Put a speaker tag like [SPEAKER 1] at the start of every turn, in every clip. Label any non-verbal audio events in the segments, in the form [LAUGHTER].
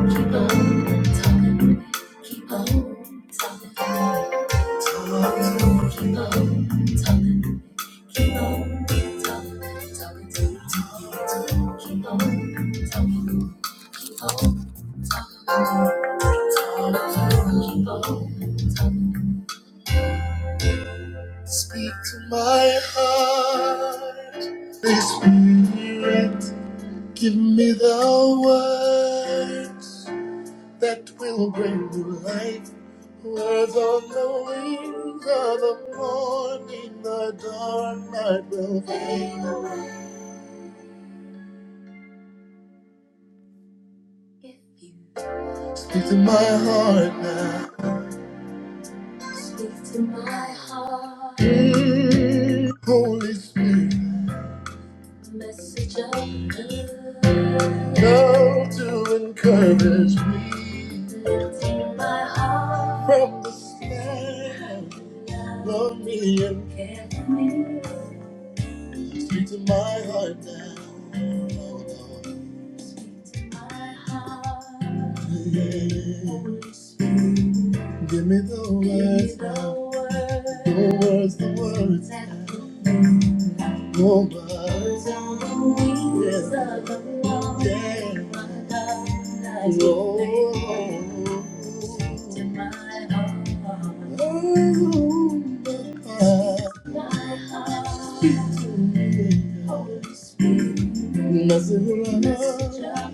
[SPEAKER 1] Keep on talking. Keep on talking. Talking. Keep on talking. Keep on talking. Talking. Talking. Keep on talking. Keep on talking. Keep on. Speak to my heart. Please spirit, Give me the words. that will bring to light words on the wings of the morning. The dark night will fade away. If you speak to my heart now, speak to my heart. Mm. Holy Spirit. Message of love to encourage me, lifting my heart from the snare of me and carefully. Speak to my heart now. Oh, Lord. Speak to my heart. Yeah. Holy Spirit, Give me the Give me words, the now. words, the words, the words. Oh, birds on the wings of the Lord, Lord, to my heart. Oh, my heart. Speak to me, Holy Spirit. Message of love,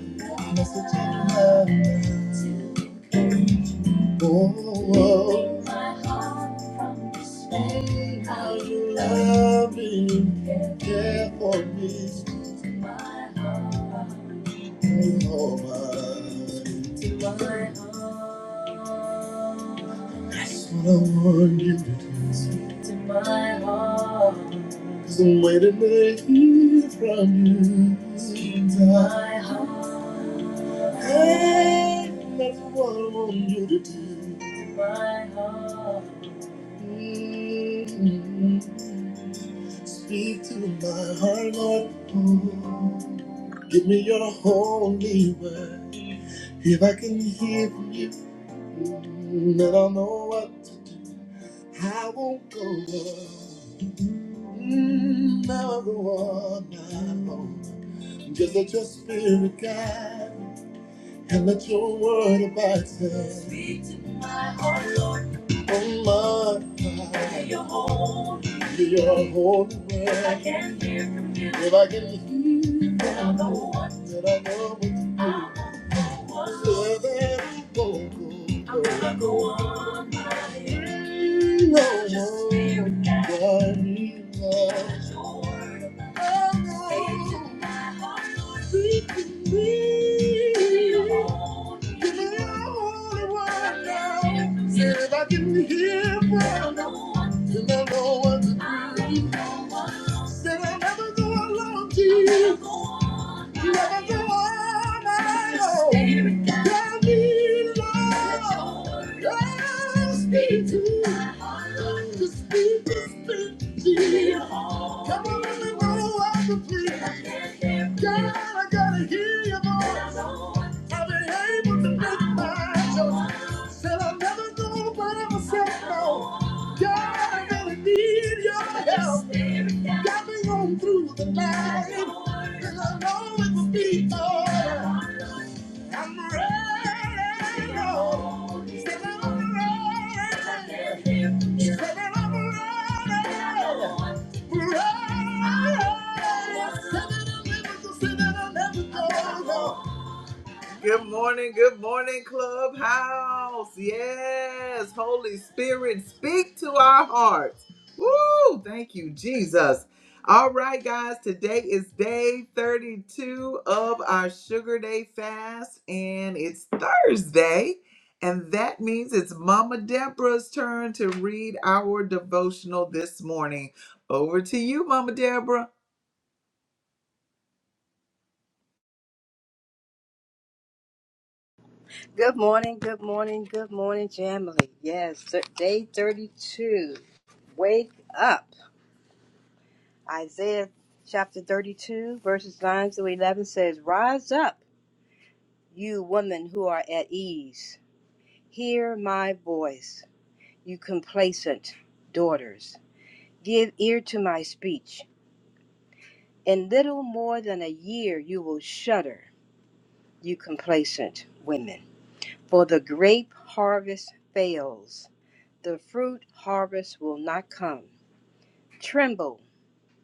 [SPEAKER 1] message of love. to Oh, oh. my heart from despair. How you love me, care for me. To my heart, oh, my, to my heart. That's what I want you to do. to my heart. There's a way to make it from you. to my heart. Hey, that's what I want you to do. to my heart. Speak to my heart, Lord. Give me your holy word. If I can hear from you, then I'll know what to do. I won't go on. Never go on my own. Just let your spirit guide. me. And let your word abide Speak to my heart, Lord. Oh, my. God, You're your holy. You're your holy word. If I can hear from you. If I can hear Then i know what from you, Then I know what to do. I'll know what- So that I go, go, go. I'm gonna go on my way. Mm, No, Just no. stay if I can hear from you, then I know what to do. Said I'll never go alone, Jesus. Never go on my own. Tell me, Lord, just speak to, just speak, to speak, Jesus. Come on let me know like a freak. God, I gotta hear your voice. I've been able to make my choice. Said I'll never go, but I am was said no. God, I gotta need your help. Got me on through the night. And I know it will be alright. I'm ready, Lord. Said I'm ready. Said I'm ready. Hey, I said that I'll never go. said that I'll never go, go. Good morning, good morning, Clubhouse. Yes, Holy Spirit, speak to our hearts. Woo! Thank you, Jesus. All right, guys, today is day 32 of our Sugar Day fast, and it's Thursday. And that means it's Mama Deborah's turn to read our devotional this morning. Over to you, Mama Deborah.
[SPEAKER 2] Good morning, good morning, good morning, Jamily. Yes, th- day 32. Wake up. Isaiah chapter 32, verses 9 through 11 says, Rise up, you women who are at ease. Hear my voice, you complacent daughters. Give ear to my speech. In little more than a year, you will shudder, you complacent women. For the grape harvest fails, the fruit harvest will not come Tremble,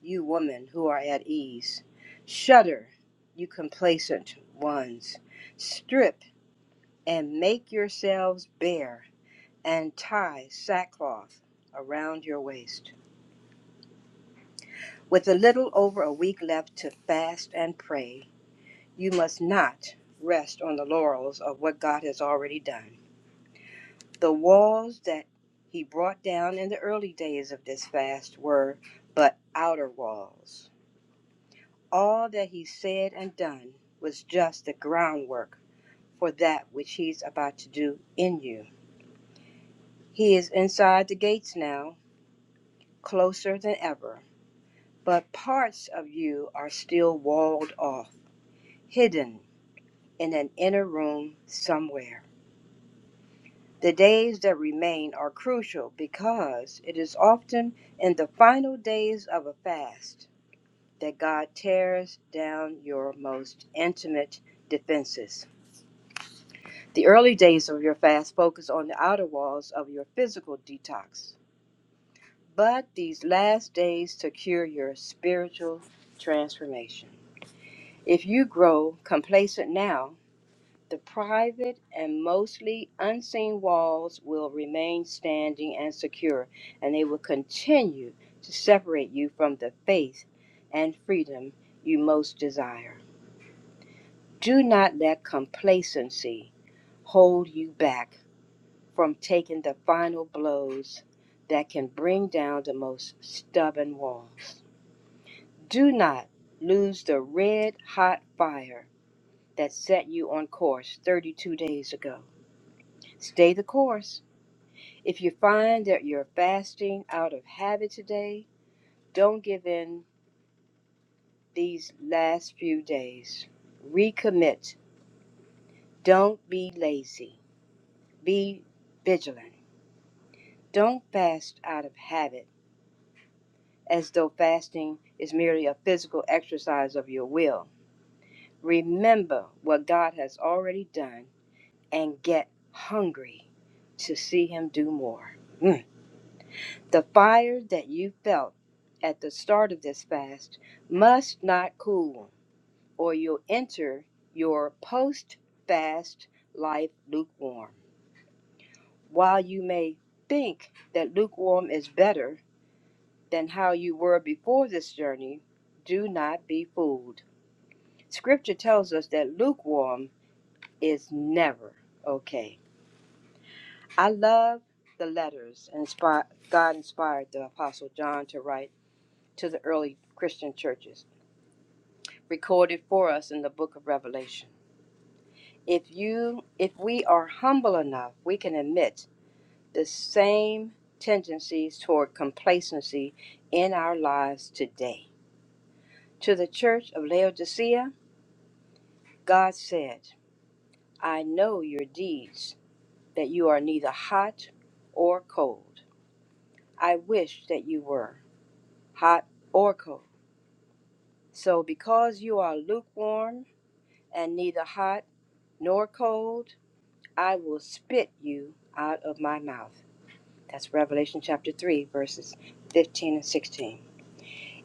[SPEAKER 2] you women who are at ease. Shudder, you complacent ones. Strip and make yourselves bare, and tie sackcloth around your waist. With a little over a week left to fast and pray, you must not rest on the laurels of what God has already done. The walls that he brought down in the early days of this fast were but outer walls All that he said and done was just the groundwork for that which he's about to do in you. He is inside the gates now, closer than ever, but parts of you are still walled off, hidden in an inner room somewhere. The days that remain are crucial because it is often in the final days of a fast that God tears down your most intimate defenses. The early days of your fast focus on the outer walls of your physical detox, but these last days secure your spiritual transformation. If you grow complacent now, the private and mostly unseen walls will remain standing and secure, and they will continue to separate you from the faith and freedom you most desire. Do not let complacency hold you back from taking the final blows that can bring down the most stubborn walls. Do not lose the red hot fire that set you on course 32 days ago. Stay the course. If you find that you're fasting out of habit today, don't give in these last few days. Recommit. Don't be lazy. Be vigilant. Don't fast out of habit as though fasting is merely a physical exercise of your will. Remember what God has already done and get hungry to see Him do more. Mm. The fire that you felt at the start of this fast must not cool, or you'll enter your post fast life lukewarm. While you may think that lukewarm is better than how you were before this journey, do not be fooled. Scripture tells us that lukewarm is never okay. I love the letters inspired, God inspired the Apostle John to write to the early Christian churches, recorded for us in the book of Revelation. If you if we are humble enough, we can admit the same tendencies toward complacency in our lives today. To the church of Laodicea, God said, I know your deeds. that you are neither hot or cold. I wish that you were hot or cold. So, because you are lukewarm and neither hot nor cold, I will spit you out of my mouth. That's Revelation chapter 3, verses 15 and 16.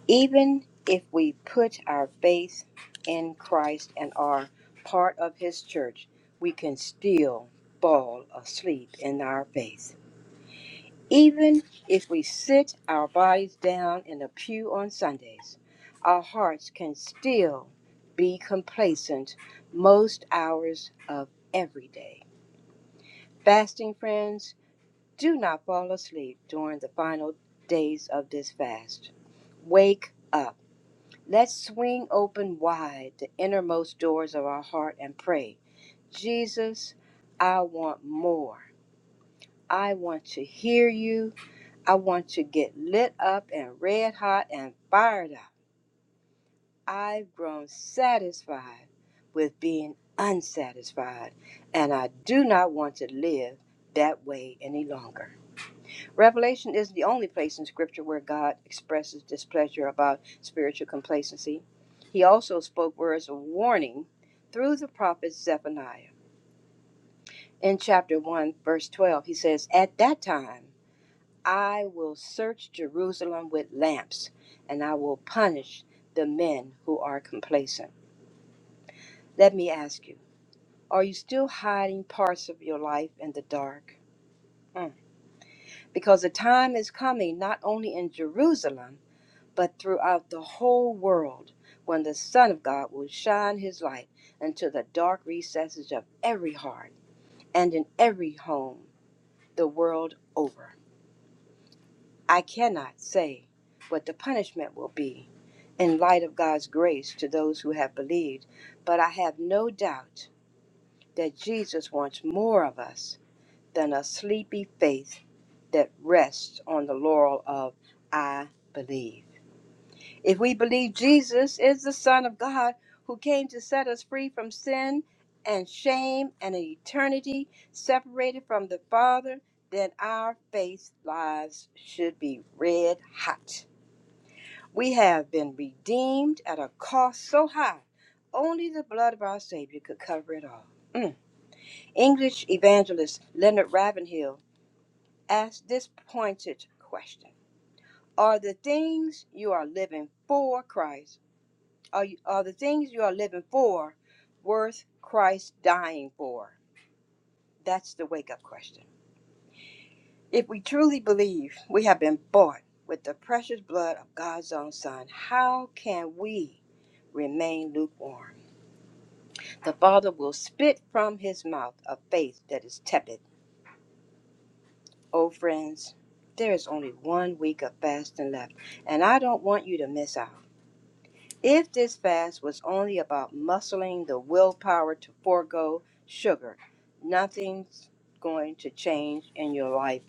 [SPEAKER 2] Even if we put our faith in Christ and are part of his church, we can still fall asleep in our faith. Even if we sit our bodies down in a pew on Sundays, our hearts can still be complacent most hours of every day. Fasting friends, do not fall asleep during the final days of this fast. Wake up. Let's swing open wide the innermost doors of our heart and pray, Jesus, I want more. I want to hear you. I want to get lit up and red hot and fired up. I've grown satisfied with being unsatisfied, and I do not want to live that way any longer. Revelation is the only place in Scripture where God expresses displeasure about spiritual complacency. He also spoke words of warning through the prophet Zephaniah. In chapter 1, verse 12, he says, At that time, I will search Jerusalem with lamps, and I will punish the men who are complacent. Let me ask you are you still hiding parts of your life in the dark? Mm. Because the time is coming, not only in Jerusalem, but throughout the whole world, when the Son of God will shine his light into the dark recesses of every heart and in every home the world over. I cannot say what the punishment will be in light of God's grace to those who have believed, but I have no doubt that Jesus wants more of us than a sleepy faith that rests on the laurel of I believe. If we believe Jesus is the Son of God who came to set us free from sin and shame and an eternity separated from the Father, then our faith lives should be red hot we have been redeemed at a cost so high, only the blood of our Savior could cover it all. Mm. English evangelist Leonard Ravenhill asked this pointed question Are the things you are living for Christ, are, you, are the things you are living for worth Christ dying for? That's the wake up question. If we truly believe we have been bought with the precious blood of God's own Son, how can we remain lukewarm? The Father will spit from his mouth a faith that is tepid. Oh, friends, there is only one week of fasting left, and I don't want you to miss out. If this fast was only about muscling the willpower to forego sugar, nothing's going to change in your life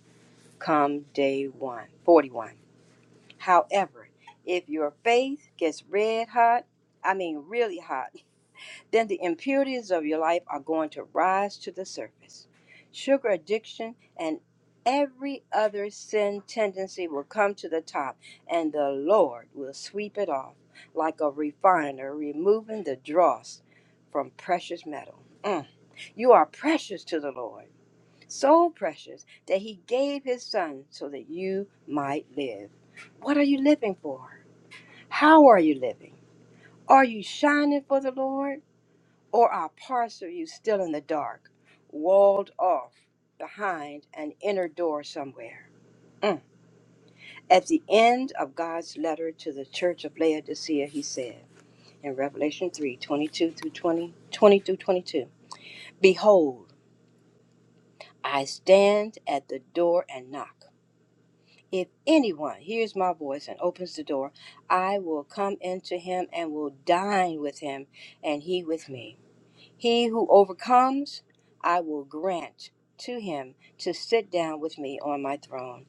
[SPEAKER 2] come day one, 41. However, if your faith gets red hot, I mean really hot, then the impurities of your life are going to rise to the surface. Sugar addiction and every other sin tendency will come to the top, and the Lord will sweep it off like a refiner removing the dross from precious metal. Mm. You are precious to the Lord, so precious that He gave His Son so that you might live. What are you living for? How are you living? Are you shining for the Lord? Or are parts of you still in the dark, walled off behind an inner door somewhere? Mm. At the end of God's letter to the church of Laodicea, he said in Revelation 3 22 through 20, twenty through 22, Behold, I stand at the door and knock. If anyone hears my voice and opens the door, I will come into him and will dine with him, and he with me. He who overcomes, I will grant to him to sit down with me on my throne,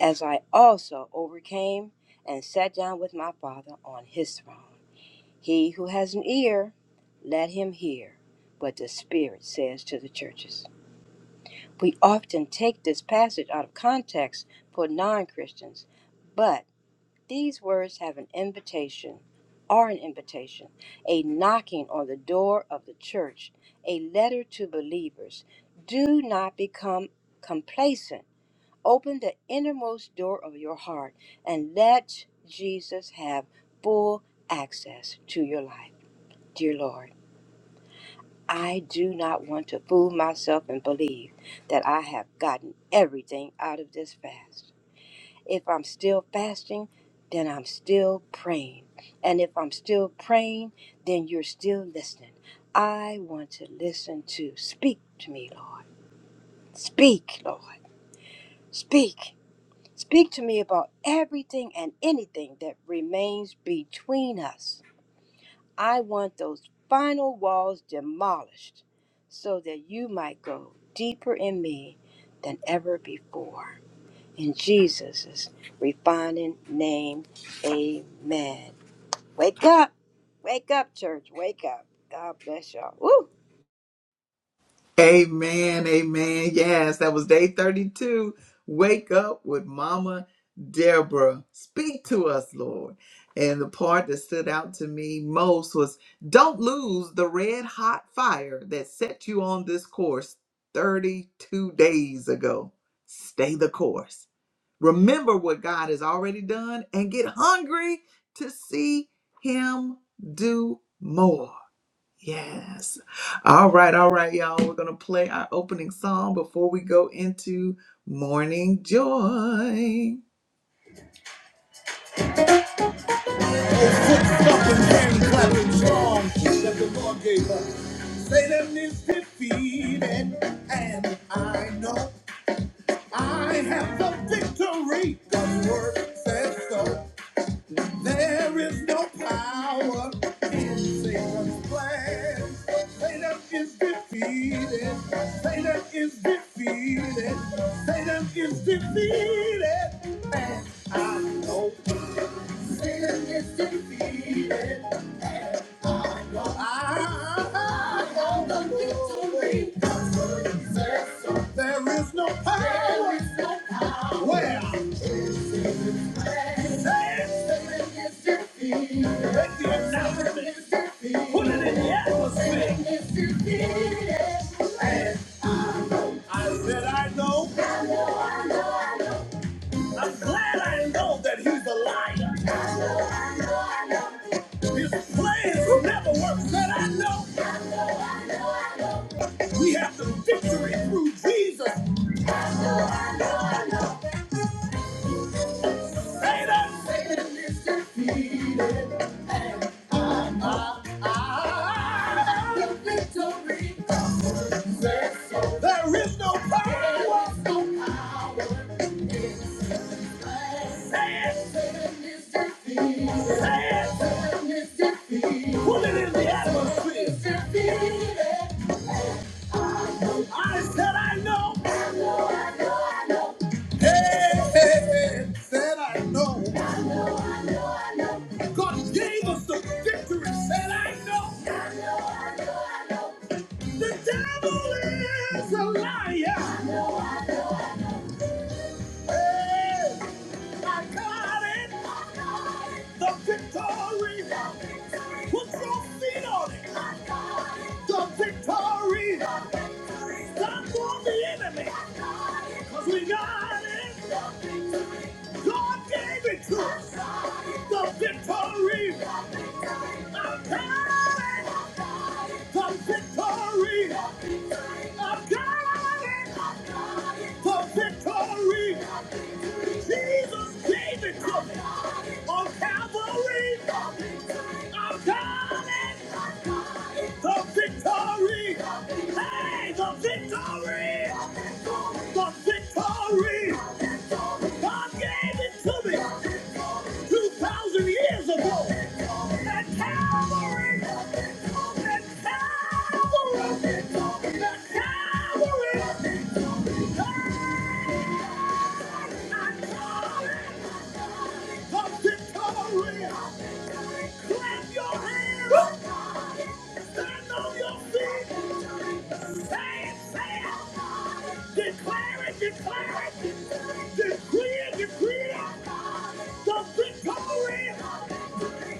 [SPEAKER 2] as I also overcame and sat down with my Father on his throne. He who has an ear, let him hear what the Spirit says to the churches. We often take this passage out of context for non Christians, but these words have an invitation, are an invitation, a knocking on the door of the church, a letter to believers. Do not become complacent. Open the innermost door of your heart and let Jesus have full access to your life. Dear Lord, I do not want to fool myself and believe that I have gotten everything out of this fast. If I'm still fasting, then I'm still praying. And if I'm still praying, then you're still listening. I want to listen to. Speak to me, Lord. Speak, Lord. Speak. Speak to me about everything and anything that remains between us I want those final walls demolished so that you might go deeper in me than ever before. In Jesus' refining name, amen. Wake up! Wake up, church. Wake up. God bless y'all. Woo!
[SPEAKER 1] Amen. Amen. Yes, that was day 32. Wake up with Mama Deborah. Speak to us, Lord. And the part that stood out to me most was don't lose the red hot fire that set you on this course 32 days ago. Stay the course. Remember what God has already done and get hungry to see Him do more. Yes. All right, all right, y'all. We're going to play our opening song before we go into Morning Joy. Satan is defeated, and I know I have the victory. God's word says so. There is no power in Satan's plan. Satan is defeated. Satan is defeated. Satan is defeated. And I know Satan is defeated. I know the victory comes from Jesus. There is no power. There is no power. Where? Satan is defeated. Make the announcement. Put it in the atmosphere. I said I know. I'm glad I know that he's a liar. His plans will never work. Said I know. We have the victory through Jesus. Satan. Ah, there is no power. Put it in the atmosphere. I said I know. Hey, hey, hey. Said I know. God gave us the victory. Said I know. The devil is a liar. I got it. The victory. Put your feet on it. The victory. Stop on the enemy. 'Cause we got it. God gave it to us. The victory. I got it. The victory. I got it. The victory. Jesus gave it to me. On Calvary. I got it. The victory! Hey, the victory! The victory! God gave it to me 2,000 years ago! At Calvary! At Calvary! At Calvary! Hey, I call it the victory! Clap your hands! Stand on your feet! Say it, say it. Declare it, declare it. Decree it, decree it. The victory.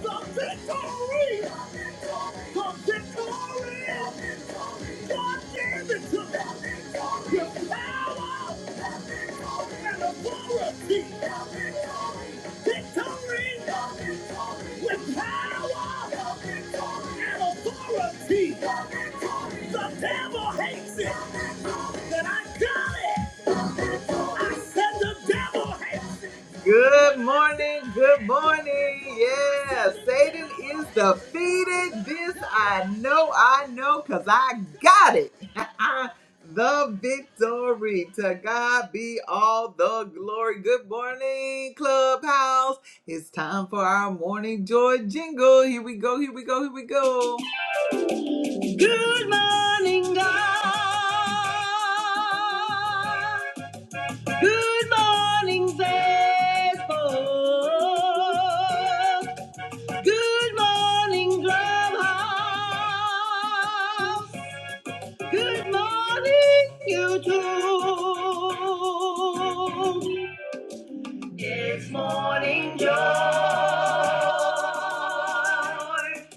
[SPEAKER 1] The victory. The victory. God gave it to me. With power and authority. Victory. With power and authority. The devil hates it. That I got it. I said the devil has. Good morning, good morning. Yeah, Satan is defeated. This I know, I know, because I got it. [LAUGHS] the victory. To God be all the glory. Good morning, Clubhouse. It's time for our morning joy jingle. Here we go, here we go, here we go.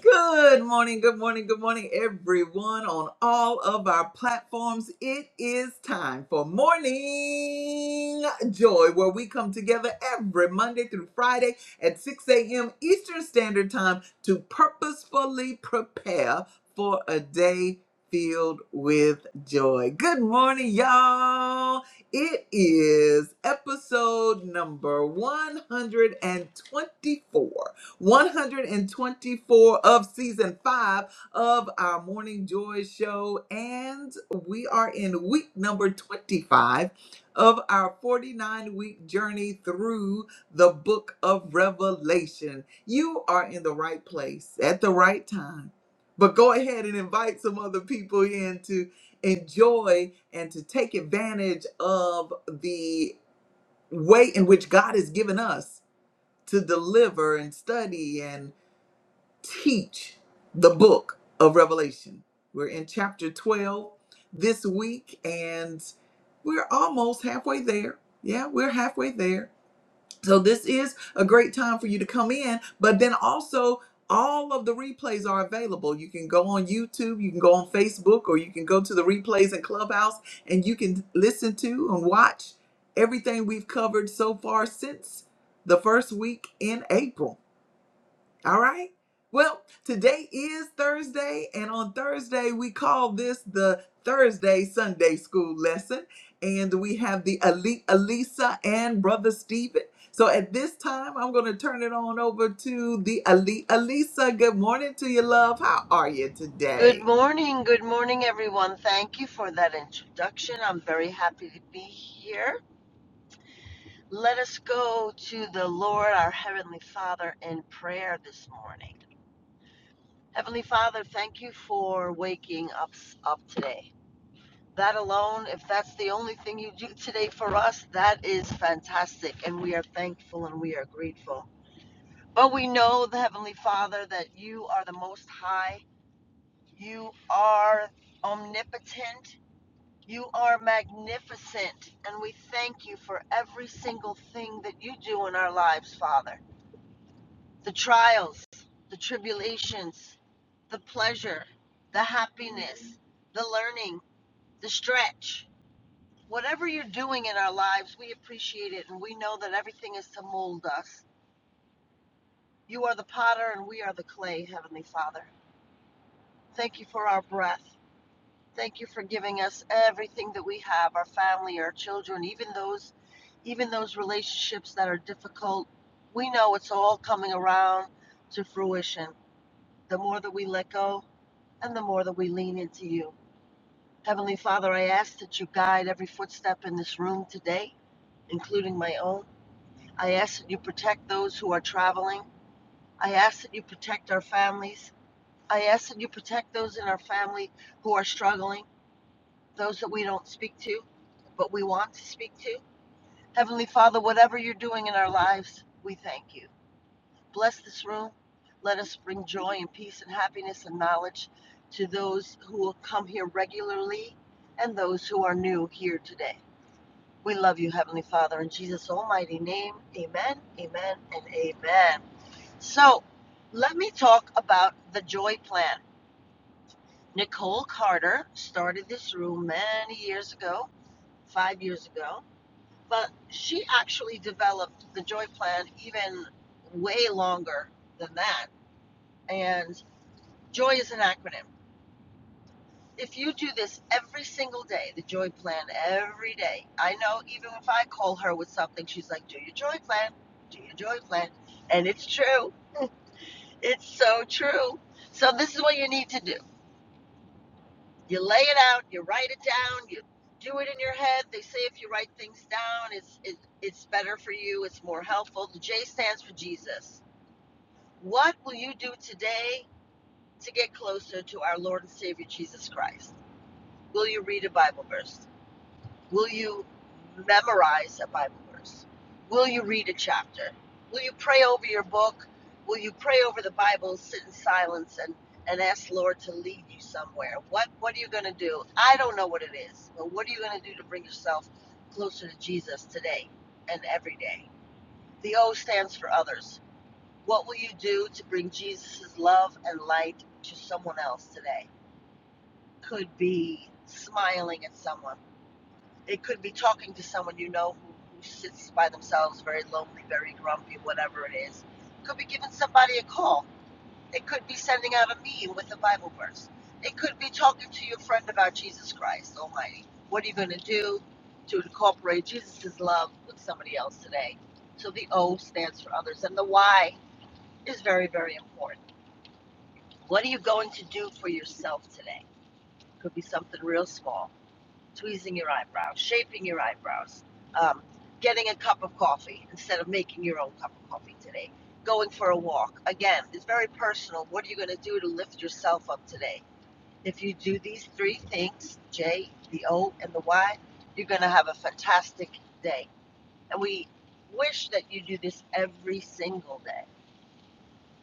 [SPEAKER 1] Good morning, good morning, good morning, everyone on all of our platforms. It is time for Morning Joy, where we come together every Monday through Friday at 6 a.m. Eastern Standard Time to purposefully prepare for a day filled with joy. Good morning, y'all. It is episode number 124 124 of season five of our Morning Joy show. And we are in week number 25 of our 49 week journey through the book of Revelation. You are in the right place at the right time. But go ahead and invite some other people in to enjoy and to take advantage of the way in which God has given us to deliver and study and teach the book of Revelation. We're in chapter 12 this week, and we're almost halfway there. Yeah, we're halfway there. So, this is a great time for you to come in, but then also, all of the replays are available. You can go on YouTube, you can go on Facebook, or you can go to the replays in Clubhouse and you can listen to and watch everything we've covered so far since the first week in April. All right. Well, today is Thursday, and on Thursday, we call this the Thursday Sunday School lesson. And we have the Ali- Alisa and Brother Stephen. So at this time, I'm going to turn it on over to the Ali- Alisa. Good morning to you, love. How are you
[SPEAKER 3] Good
[SPEAKER 1] today?
[SPEAKER 3] morning, good morning, everyone. Thank you for that introduction. I'm very happy to be here. Let us go to the Lord, our Heavenly Father, in prayer this morning. Heavenly Father, thank you for waking us up today. That alone, if that's the only thing you do today for us, that is fantastic. And we are thankful and we are grateful. But we know, the Heavenly Father, that you are the Most High. You are omnipotent You are magnificent, and we thank you for every single thing that you do in our lives, Father. The trials, the tribulations, the pleasure, the happiness, the learning, the stretch. Whatever you're doing in our lives, we appreciate it, and we know that everything is to mold us. You are the potter, and we are the clay, Heavenly Father. Thank you for our breath. Thank you for giving us everything that we have, our family, our children, even those even those relationships that are difficult. We know it's all coming around to fruition. The more that we let go and the more that we lean into you. Heavenly Father, I ask that you guide every footstep in this room today, including my own. I ask that you protect those who are traveling. I ask that you protect our families. I ask that you protect those in our family who are struggling. those that we don't speak to, but we want to speak to. Heavenly Father, whatever you're doing in our lives, we thank you. Bless this room. Let us bring joy and peace and happiness and knowledge to those who will come here regularly and those who are new here today. We love you, Heavenly Father, in Jesus' almighty name. Amen, amen, and amen. So, let me talk about the joy plan. Nicole Carter started this room many years ago, five years ago but she actually developed the joy plan even way longer than that and joy is an acronym if you do this every single day the joy plan every day i know even if i call her with something she's like do your joy plan do your joy plan and it's true it's so true so this is what you need to do you lay it out you write it down you do it in your head they say if you write things down it's it, it's better for you it's more helpful the j stands for jesus What will you do today to get closer to our Lord and Savior Jesus Christ? Will you read a Bible verse? Will you memorize a Bible verse? Will you read a chapter? Will you pray over your book? Will you pray over the Bible, sit in silence and, and ask the Lord to lead you somewhere? What what are you gonna do? I don't know what it is, but what are you gonna do to bring yourself closer to Jesus today and every day? The O stands for others. What will you do to bring Jesus' love and light to someone else today? Could be smiling at someone. It could be talking to someone you know who, who sits by themselves, very lonely, very grumpy, whatever it is. It Could be giving somebody a call. It could be sending out a meme with a Bible verse. It could be talking to your friend about Jesus Christ Almighty. What are you going to do to incorporate Jesus' love with somebody else today? So the O stands for others, and the Y is very, very important What are you going to do for yourself today? Could be something real small tweezing your eyebrows, shaping your eyebrows, um, getting a cup of coffee instead of making your own cup of coffee today, going for a walk. Again, it's very personal. What are you going to do to lift yourself up today? If you do these three things J, the O, and the Y you're going to have a fantastic day. And we wish that you do this every single day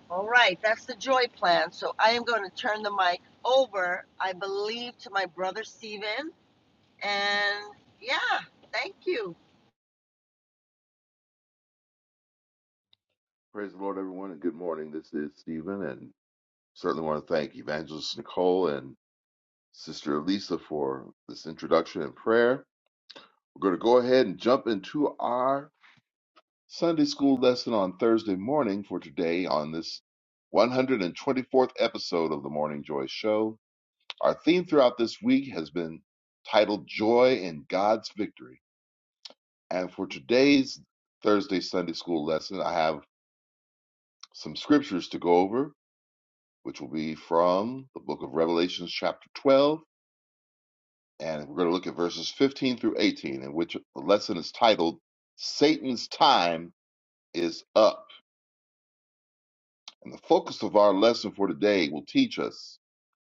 [SPEAKER 3] all right, that's the joy plan. So I am going to turn the mic over, I believe, to my brother Stephen. And yeah, thank you.
[SPEAKER 4] Praise the Lord, everyone, and good morning. This is Stephen, and certainly want to thank Evangelist Nicole and Sister Elisa for this introduction and prayer. We're going to go ahead and jump into our Sunday school lesson on Thursday morning for today on this 124th episode of the Morning Joy Show. Our theme throughout this week has been titled Joy in God's Victory. And for today's Thursday Sunday school lesson, I have some scriptures to go over which will be from the book of Revelations, chapter 12. And we're going to look at verses 15 through 18, in which the lesson is titled, Satan's Time is Up. And the focus of our lesson for today will teach us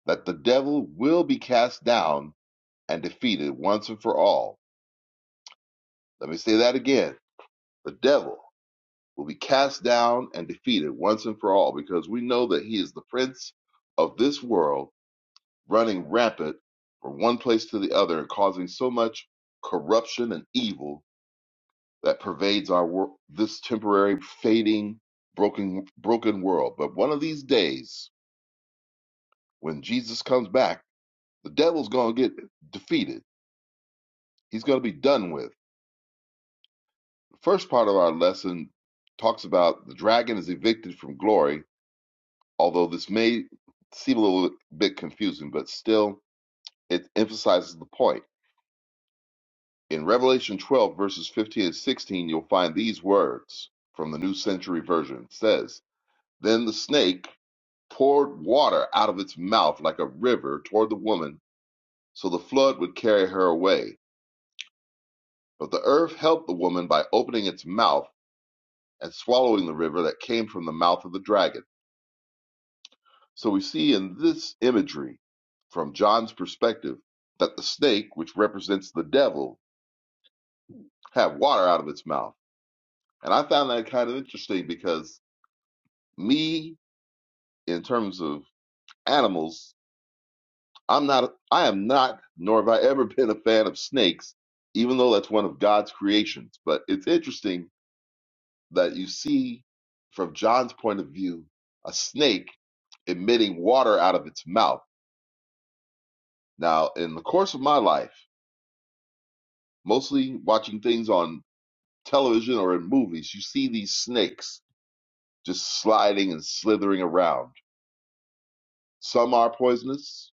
[SPEAKER 4] that the devil will be cast down and defeated once and for all. Let me say that again. The devil will be cast down and defeated once and for all because we know that he is the prince of this world running rampant from one place to the other and causing so much corruption and evil that pervades our wor- this temporary fading broken broken world but one of these days when Jesus comes back the devil's going to get defeated he's going to be done with the first part of our lesson talks about the dragon is evicted from glory although this may seem a little bit confusing but still it emphasizes the point In Revelation 12, verses 15 and 16, you'll find these words from the New Century Version. It says, Then the snake poured water out of its mouth like a river toward the woman, so the flood would carry her away. But the earth helped the woman by opening its mouth and swallowing the river that came from the mouth of the dragon. So we see in this imagery, from John's perspective, that the snake, which represents the devil, had water out of its mouth. And I found that kind of interesting because me in terms of animals, I'm not, I am not, nor have I ever [LAUGHS] been a fan of snakes, even though that's one of God's creations. But it's interesting that you see, from John's point of view, a snake emitting water out of its mouth. Now, in the course of my life, mostly watching things on television or in movies, you see these snakes just sliding and slithering around. Some are poisonous,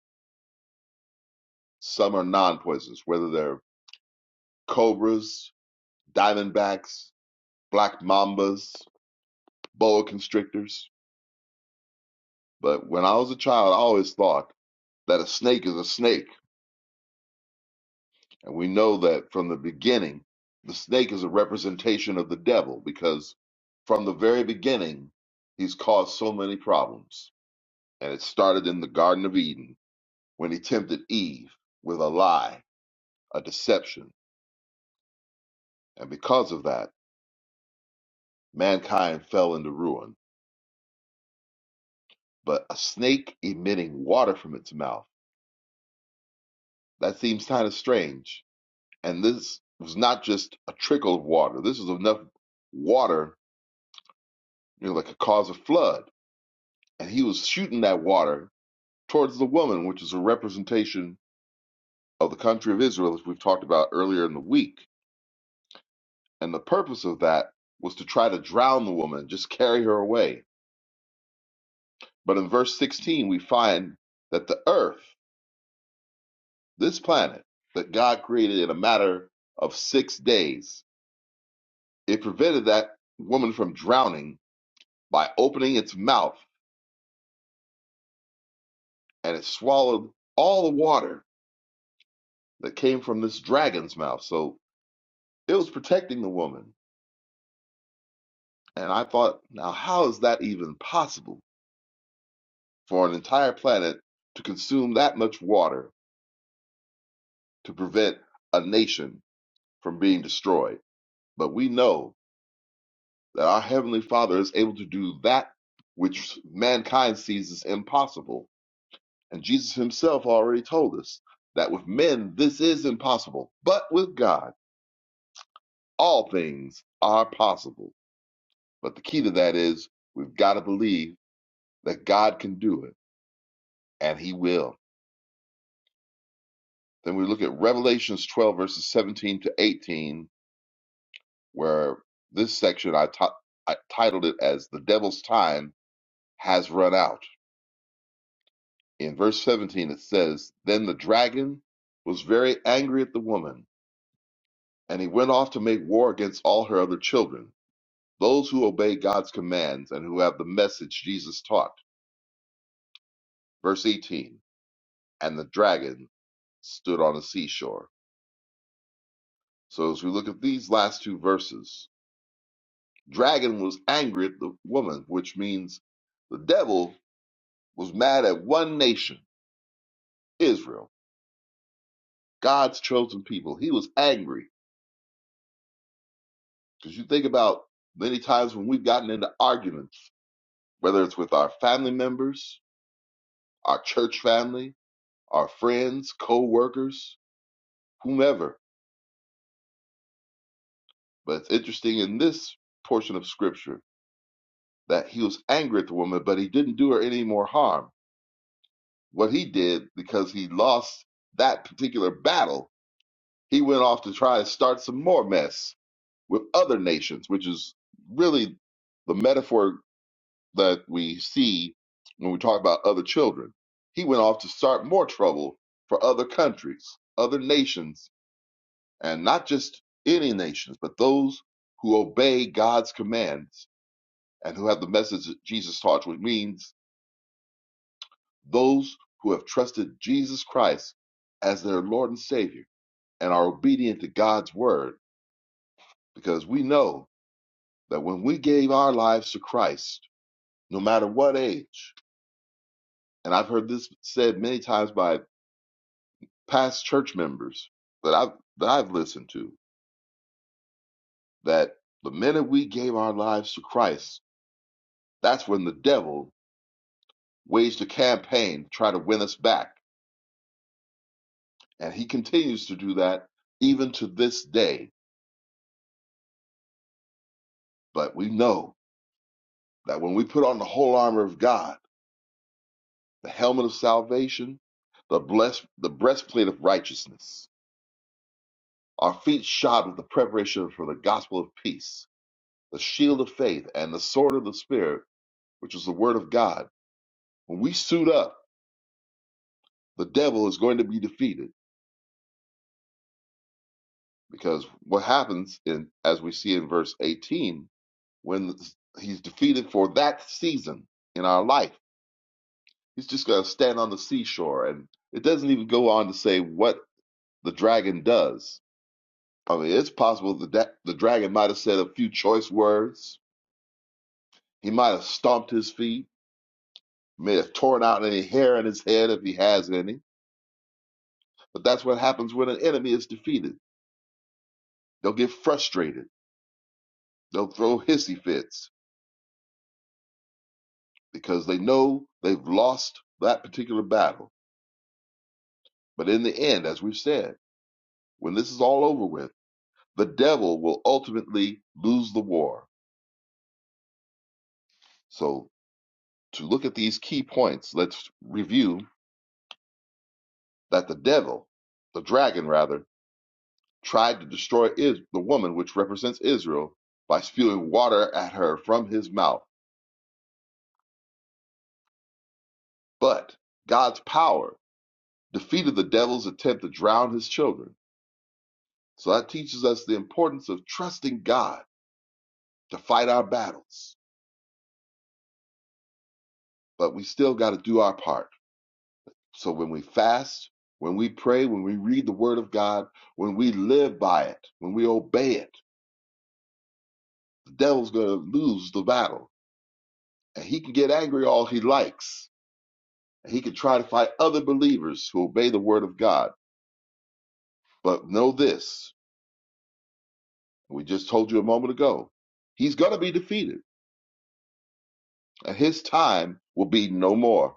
[SPEAKER 4] some are non poisonous, whether they're cobras diamondbacks, black mambas, boa constrictors. But when I was a child, I always thought that a snake is a snake. And we know that from the beginning, the snake is a representation of the devil because from the very beginning, he's caused so many problems. And it started in the Garden of Eden when he tempted Eve with a lie, a deception. And because of that, mankind fell into ruin. But a snake emitting water from its mouth That seems kind of strange. And this was not just a trickle of water. This was enough water, you know, that could cause a flood. And he was shooting that water towards the woman, which is a representation of the country of Israel, as we've talked about earlier in the week. And the purpose of that was to try to drown the woman, just carry her away. But in verse 16, we find that the earth, this planet that God created in a matter of six days, it prevented that woman from drowning by opening its mouth, and it swallowed all the water that came from this dragon's mouth. So it was protecting the woman. And I thought, now, how is that even possible for an entire planet to consume that much water to prevent a nation from being destroyed? But we know that our Heavenly Father is able to do that which mankind sees as impossible. And Jesus Himself already told us that with men this is impossible, but with God. all things are possible. But the key to that is we've got to believe that God can do it, and He will. Then we look at Revelations 12, verses 17 to 18, where this section I t- I titled it as The Devil's Time Has Run Out. In verse 17, it says, Then the dragon was very angry at the woman, and he went off to make war against all her other children, those who obey God's commands and who have the message Jesus taught. Verse 18. and the dragon stood on the seashore. So as we look at these last two verses, dragon was angry at the woman, which means the devil was mad at one nation, Israel, God's chosen people. He was angry because you think about many times when we've gotten into arguments, whether it's with our family members, our church family, our friends, co-workers, whomever. But it's interesting in this portion of scripture that he was angry at the woman, but he didn't do her any more harm. What he did, because he lost that particular battle, he went off to try and start some more mess with other nations, which is really the metaphor that we see when we talk about other children. He went off to start more trouble for other countries, other nations, and not just any nations, but those who obey God's commands and who have the message that Jesus taught, which means Those who have trusted Jesus Christ as their Lord and Savior and are obedient to God's word, because we know that when we gave our lives to Christ, no matter what age, and I've heard this said many times by past church members that I've that I've listened to, that the minute we gave our lives to Christ, that's when the devil waged a campaign to try to win us back. And he continues to do that even to this day. But we know that when we put on the whole armor of God, the helmet of salvation, the blessed, the breastplate of righteousness, our feet shod with the preparation for the gospel of peace, the shield of faith, and the sword of the Spirit, which is the word of God. When we suit up, the devil is going to be defeated because what happens in, as we see in verse 18, when he's defeated for that season in our life, he's just going to stand on the seashore and it doesn't even go on to say what the dragon does. I mean, it's possible that that- the dragon might have said a few choice words. He might have stomped his feet, may have torn out any hair in his head if he has any. But that's what happens when an enemy is defeated. They'll get frustrated. They'll throw hissy fits because they know they've lost that particular battle. But in the end, as we've said, when this is all over with, the devil will ultimately lose the war. So, to look at these key points, let's review that the devil, the dragon rather, tried to destroy is- the woman which represents Israel by spewing water at her from his mouth. But God's power defeated the devil's attempt to drown his children. So that teaches us the importance of trusting God to fight our battles. But we still got to do our part. So when we fast, when we pray, when we read the word of God, when we live by it, when we obey it, the devil's going to lose the battle. And he can get angry all he likes He could try to find other believers who obey the word of God. But know this we just told you a moment ago he's going to be defeated, and his time will be no more.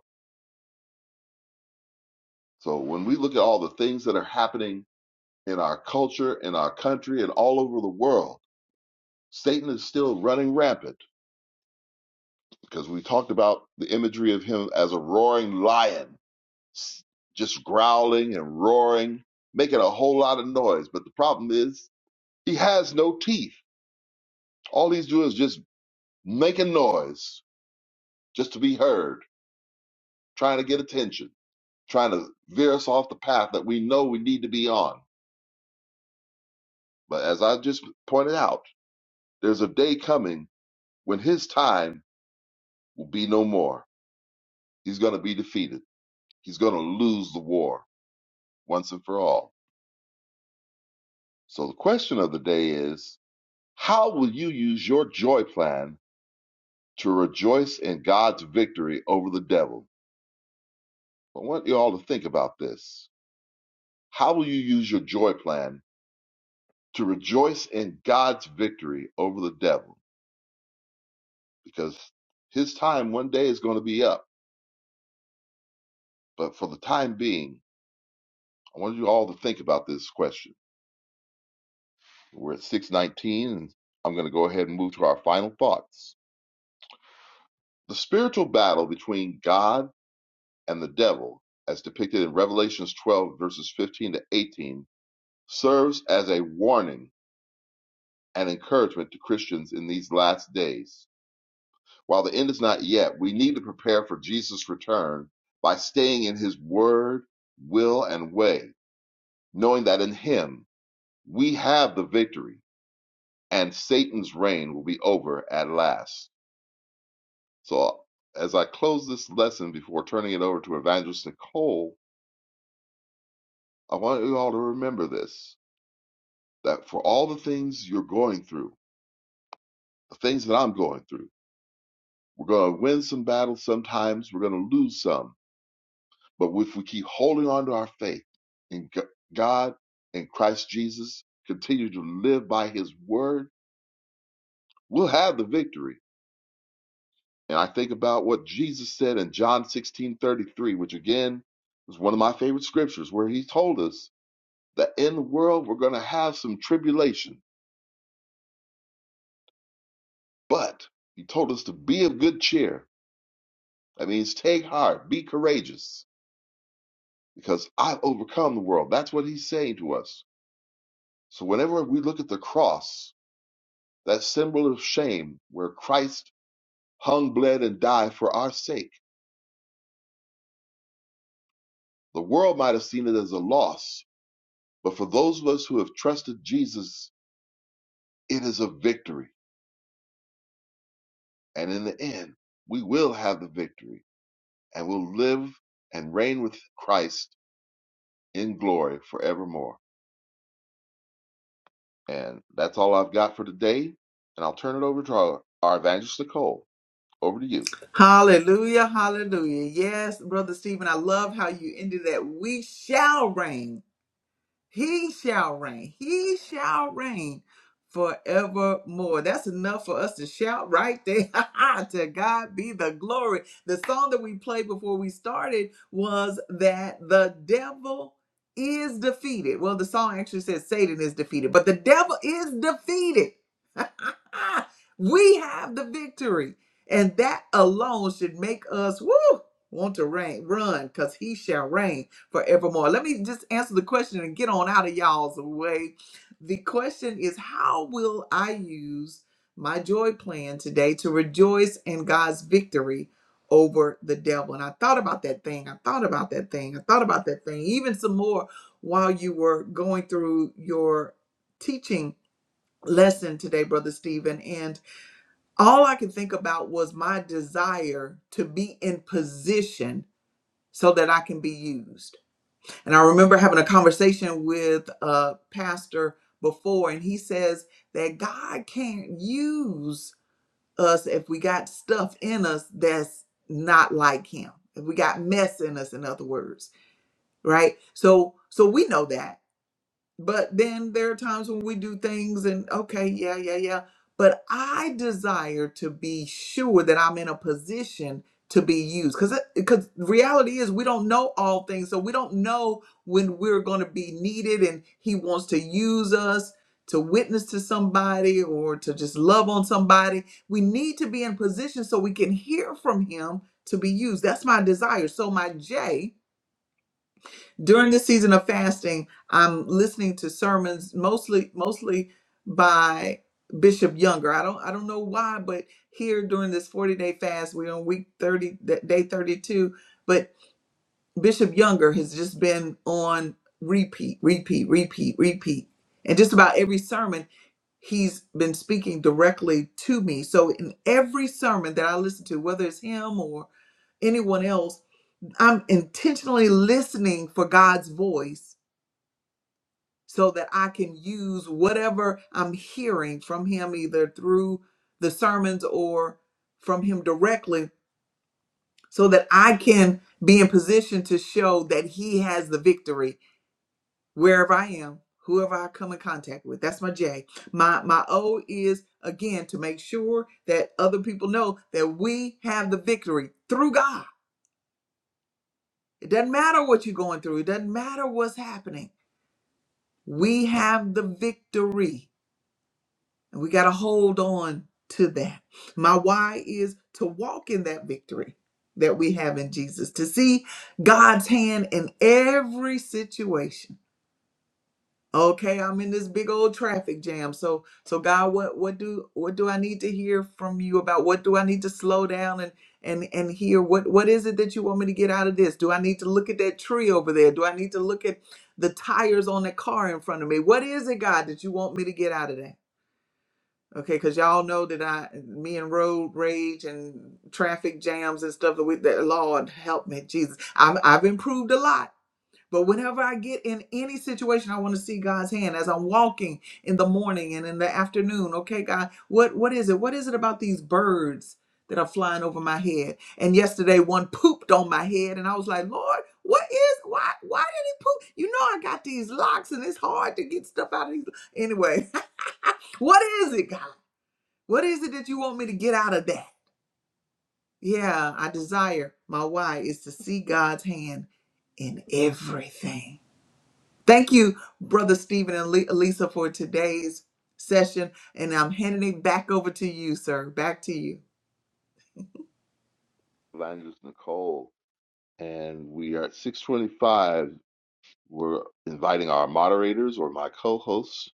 [SPEAKER 4] So when we look at all the things that are happening in our culture, in our country, and all over the world, Satan is still running rampant because we talked about the imagery of him as a roaring lion, just growling and roaring, making a whole lot of noise. But the problem is, he has no teeth. All he's doing is just making noise just to be heard, trying to get attention, trying to veer us off the path that we know we need to be on. But as I just pointed out, there's a day coming when his time will be no more. He's going to be defeated. He's going to lose the war once and for all. So the question of the day is how will you use your joy plan to rejoice in God's victory over the devil? I want you all to think about this. How will you use your joy plan to rejoice in God's victory over the devil because his time one day is going to be up. But for the time being, I want you all to think about this question. We're at 619, and I'm going to go ahead and move to our final thoughts. The spiritual battle between God and the devil, as depicted in Revelations 12, verses 15 to 18, serves as a warning and encouragement to Christians in these last days While the end is not yet, we need to prepare for Jesus' return by staying in his word, will, and way, knowing that in him we have the victory and Satan's reign will be over at last. So, as I close this lesson before turning it over to Evangelist Nicole, I want you all to remember this that for all the things you're going through, the things that I'm going through, we're going to win some battles sometimes, we're going to lose some But if we keep holding on to our faith in G- God and Christ Jesus, continue to live by his word, we'll have the victory. And I think about what Jesus said in John 16 33, which again is one of my favorite scriptures, where he told us that in the world we're going to have some tribulation, but he told us to be of good cheer. That means take heart, be courageous, because I've overcome the world. That's what he's saying to us. So whenever we look at the cross, that symbol of shame where Christ hung, bled, and died for our sake. The world might have seen it as a loss, but for those of us who have trusted Jesus, it is a victory. And in the end, we will have the victory and will live and reign with Christ in glory forevermore. And that's all I've got for today. And I'll turn it over to our, our evangelist Nicole. Over to you,
[SPEAKER 1] Hallelujah, hallelujah. Yes, Brother Stephen, I love how you ended that. We shall reign He shall reign. He shall reign forevermore. That's enough for us to shout right there. [LAUGHS] to God be the glory. The song that we played before we started was that the devil is defeated. Well, the song actually says Satan is defeated, but the devil is defeated. [LAUGHS] we have the victory. And that alone should make us woo, want to reign, run, because he shall reign forevermore. Let me just answer the question and get on out of y'all's way. The question is how will I use my joy plan today to rejoice in God's victory over the devil? And I thought about that thing. I thought about that thing. I thought about that thing, even some more while you were going through your teaching lesson today, Brother Stephen. And all I could think about was my desire to be in position so that I can be used. And I remember having a conversation with a pastor before, and he says that God can't use us if we got stuff in us that's not like him. If we got mess in us, in other words, right? So, so we know that but then there are times when we do things and okay, yeah, yeah, yeah. But I desire to be sure that I'm in a position to be used because because reality is we don't know all things, so we don't know when we're going to be needed, and He wants to use us to witness to somebody or to just love on somebody. We need to be in position so we can hear from Him to be used. That's my desire. So my J during this season of fasting i'm listening to sermons mostly mostly by bishop younger i don't i don't know why but here during this 40 day fast we're on week 30 th- day 32 but bishop younger has just been on repeat repeat repeat repeat and just about every sermon he's been speaking directly to me so in every sermon that i listen to whether it's him or anyone else i'm intentionally listening for god's voice so that I can use whatever I'm hearing from him, either through the sermons or from him directly, so that I can be in position to show that he has the victory wherever I am, whoever I come in contact with. That's my J. My my O is again to make sure that other people know that we have the victory through God. It doesn't matter what you're going through, it doesn't matter what's happening. We have the victory And we got to hold on to that. My why is to walk in that victory that we have in Jesus, to see God's hand in every situation. Okay, I'm in this big old traffic jam. So so God, what what do what do I need to hear from you about? What do I need to slow down and and and hear what what is it that you want me to get out of this? Do I need to look at that tree over there? Do I need to look at the tires on the car in front of me? What is it, God, that you want me to get out of that? Okay, because y'all know that I, me and road rage and traffic jams and stuff. With that, Lord help me, Jesus. I'm, I've improved a lot, but whenever I get in any situation, I want to see God's hand as I'm walking in the morning and in the afternoon. Okay, God, what what is it? What is it about these birds that are flying over my head? And yesterday, one pooped on my head, and I was like, Lord, what is why? Why did he poop? You know, I got these locks, and it's hard to get stuff out of these. Anyway, [LAUGHS] what is it, God? What is it that you want me to get out of that? Yeah, I desire. My why is to see God's hand in everything. Thank you, Brother Stephen and Le- Lisa, for today's session. And I'm handing it back over to you, sir. Back to you.
[SPEAKER 4] evangelist Nicole. And we are at 625. We're inviting our moderators or my co-hosts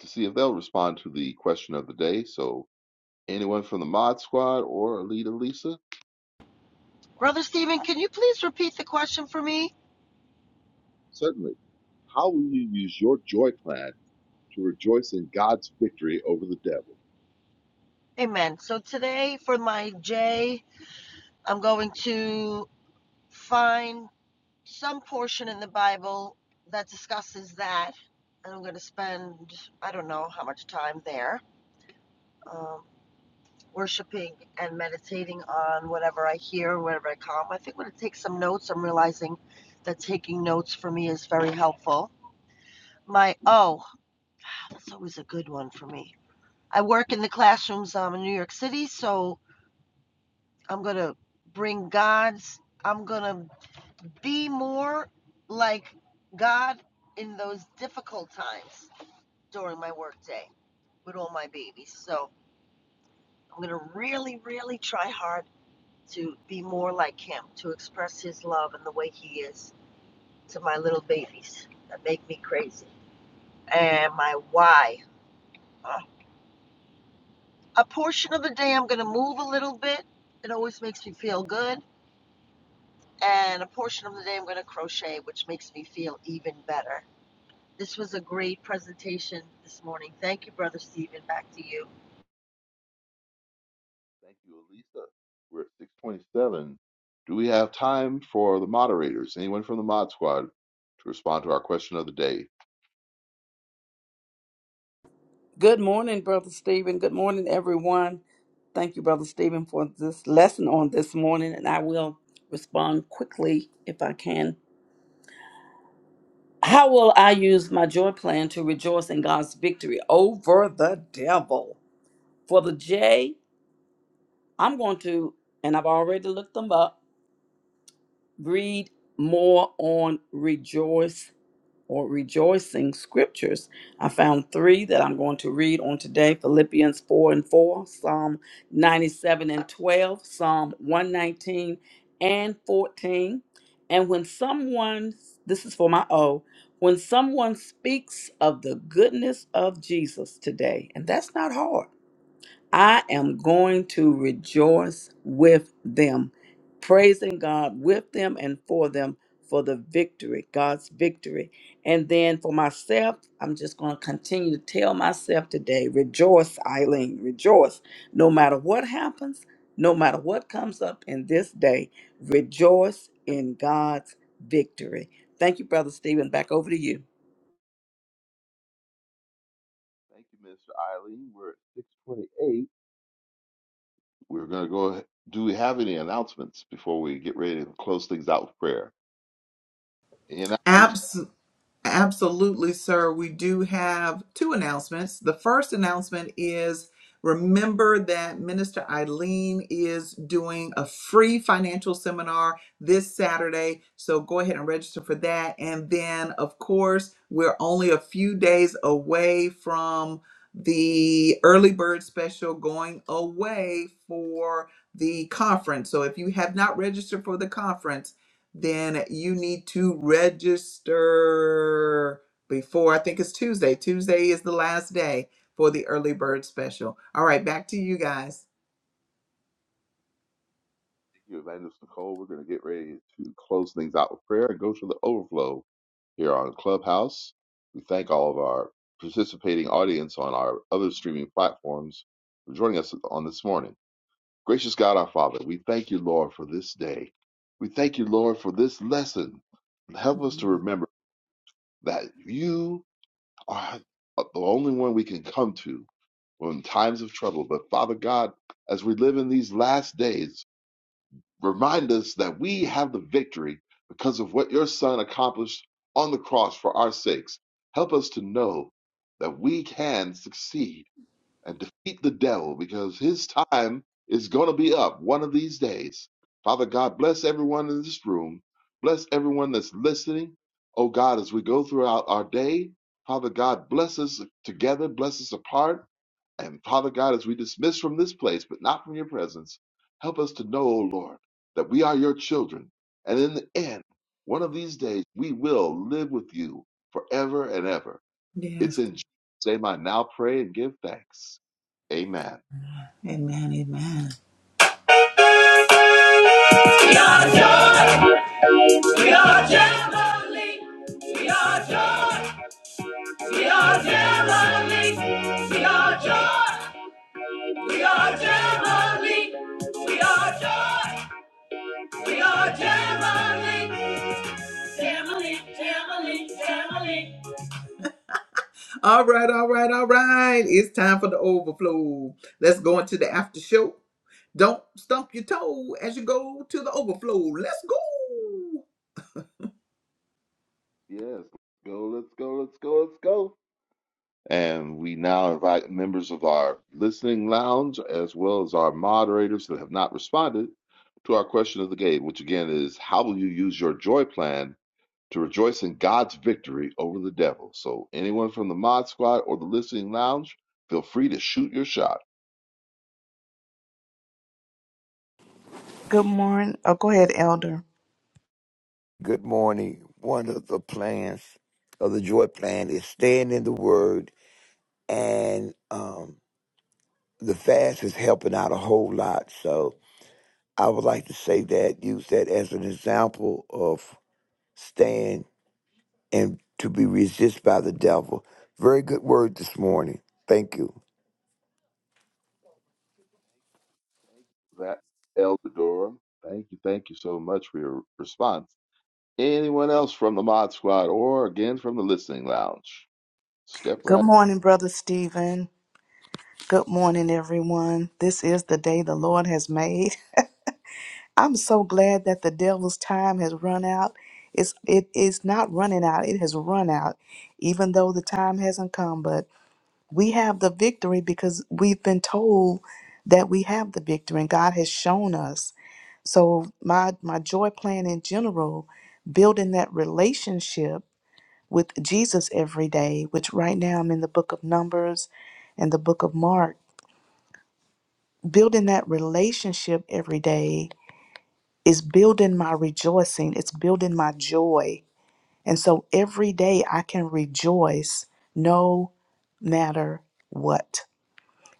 [SPEAKER 4] to see if they'll respond to the question of the day. So anyone from the mod squad or Alita Lisa, Mike,
[SPEAKER 3] Brother Stephen. can you please repeat the question for me?
[SPEAKER 4] certainly. How will you use your joy plan to rejoice in God's victory over the devil?
[SPEAKER 3] Amen. So today for my J, I'm going to find some portion in the Bible that discusses that. And I'm going to spend, I don't know how much time there. Um, worshiping and meditating on whatever I hear, whatever I come. I think when I take some notes, I'm realizing that taking notes for me is very helpful. My oh, that's always a good one for me. I work in the classrooms um, in New York City, so I'm gonna bring God's. I'm gonna be more like God in those difficult times during my workday with all my babies. So I'm gonna really, really try hard to be more like him, to express his love and the way he is to my little babies that make me crazy. And my why. Uh, a portion of the day I'm going to move a little bit. It always makes me feel good. And a portion of the day I'm going to crochet, which makes me feel even better. This was a great presentation this morning. Thank you, Brother Stephen. Back to you.
[SPEAKER 4] Thank you, Elisa. We're at 627. Do we have time for the moderators? Anyone from the mod squad to respond to our question of the day?
[SPEAKER 5] Good morning, Brother Stephen. Good morning, everyone. Thank you, Brother Stephen, for this lesson on this morning, and I will respond quickly if I can. How will I use my joy plan to rejoice in God's victory over the devil? For the J, I'm going to, and I've already looked them up, read more on or rejoicing scriptures. I found three that I'm going to read on today Philippians 4 and 4, Psalm 97 and 12, Psalm 119 and 14. And when someone, this is for my O, when someone speaks of the goodness of Jesus today, and that's not hard I am going to rejoice with them, praising God with them and for them for the victory, God's victory. And then for myself, I'm just going to continue to tell myself today rejoice, Eileen, rejoice. No matter what happens, no matter what comes up in this day, rejoice in God's victory. Thank you, Brother Stephen. Back over to you.
[SPEAKER 4] Thank you, Mr. Eileen. We're at 628. We're going to go. ahe- Do we have any announcements before we get ready to close things out with prayer? Any announcements?
[SPEAKER 1] Absolutely, sir. We do have two announcements. The first announcement is remember that Minister Eileen is doing a free financial seminar this Saturday. So go ahead and register for that. And then, of course, we're only a few days away from the early bird special going away for the conference. So if you have not registered for the conference, then you need to register before I think it's Tuesday. Tuesday is the last day for the early bird special. All right, back to you guys.
[SPEAKER 4] Thank you, Evangelist Nicole. We're going to get ready to close things out with prayer and go to the overflow here on Clubhouse. We thank all of our participating audience on our other streaming platforms for joining us on this morning. Gracious God, our Father, we thank you, Lord, for this day. We thank you, Lord, for this lesson. Help us to
[SPEAKER 1] Mhm.
[SPEAKER 4] remember that you are uh, the only one we can come to in times of trouble. But Father God, as we live in these last days, remind us that we have the victory because of what your Son accomplished on the cross for our sakes. Help us to know that we can succeed and defeat the devil because his time is going to be up one of these days. Father God, bless everyone in this room. Bless everyone that's listening. Oh God, as we go throughout our day, Father God, bless us together, bless us apart. And Father God, as we dismiss from this place, but not from your presence, help us to know, O Lord, that we are your children. And in the end, one of these days, we will live with you forever and ever. It's
[SPEAKER 1] Yes.
[SPEAKER 4] in Jesus' name I now pray and give thanks. Amen.
[SPEAKER 1] Amen. Amen. We are joy. We are Jamboree. We are joy. We are Jamboree. We are joy. We are Jamboree. We are joy. We are Jamboree. Jamboree, Jamboree, Jamboree. All right, all right, all right. It's time for the overflow. Let's go into the after show. Don't stump your toe as you go to the overflow. Let's go.
[SPEAKER 4] Yes. Go, let's go, let's go, let's go. And we now invite members of our listening lounge as well as our moderators that have not responded to our question of the day, which again is how will you use your joy plan to rejoice in God's victory over the devil? So anyone from the mod squad or the listening lounge, feel free to shoot your shot.
[SPEAKER 6] Good morning. Oh, go ahead, Elder.
[SPEAKER 7] Good morning. One of the plans of the joy plan is staying in the word, and um, the fast is helping out a whole lot. So I would like to say that, use that as an example of staying and to be resisted by the devil. Very good word this morning. Thank you.
[SPEAKER 4] Thank you for that, Elder Durham. Thank you, thank you so much for your response. Anyone else from the Mod Squad or again from the Listening Lounge? Step right.
[SPEAKER 6] Good
[SPEAKER 4] up.
[SPEAKER 6] morning, Brother Stephen. Good morning, everyone. This is the day the Lord has made. [LAUGHS] I'm so glad that the devil's time has run out. It's, it is not running out, it has run out, even though the time hasn't come. But we have the victory because we've been told that we have the victory, and God has shown us. So, my, my joy plan in general, building that relationship with Jesus every day, which right now I'm in the book of Numbers and the book of Mark. Building that relationship every day is building my rejoicing, it's building my joy. And so every day I can rejoice no matter what.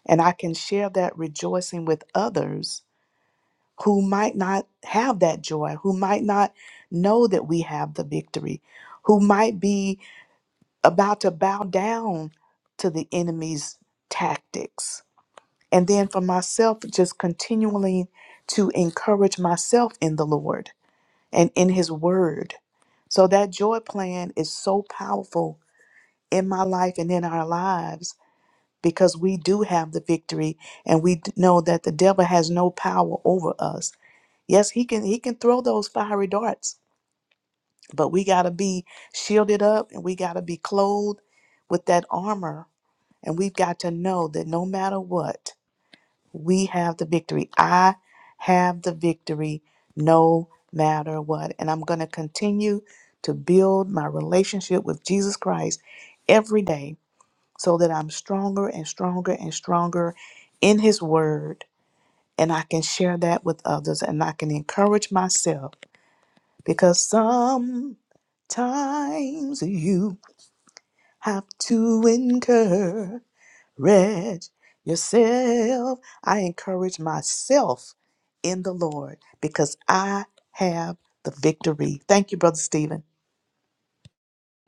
[SPEAKER 6] And I can share that rejoicing with others who might not have that joy, who might not know that we have the victory, who might be about to bow down to the enemy's tactics. And then for myself, just continually to encourage myself in the Lord and in His Word. So that joy plan is so powerful in my life and in our lives because we do have the victory and we d- know that the devil has no power over us. Yes, he can he can throw those fiery darts, but we got to be shielded up and we got to be clothed with that armor And we've got to know that no matter what, we have the victory. I have the victory no matter what. And I'm going to continue to build my relationship with Jesus Christ every day so that I'm stronger and stronger and stronger in His Word. And I can share that with others and I can encourage myself because sometimes you have to encourage. Red yourself. I encourage myself in the Lord because I have the victory. Thank you, Brother Stephen.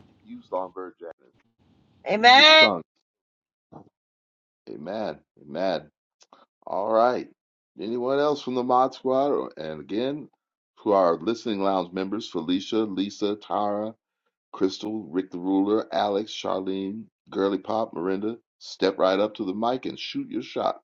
[SPEAKER 4] Thank you, Songbird Janice. You just
[SPEAKER 3] Amen.
[SPEAKER 4] sung. Amen. Amen. All right. Anyone else from the Mod Squad or, and again to our Listening Lounge members Felicia, Lisa, Tara, Crystal, Rick the Ruler, Alex, Charlene, Girly Pop, Miranda? Step right up to the mic and shoot your shot.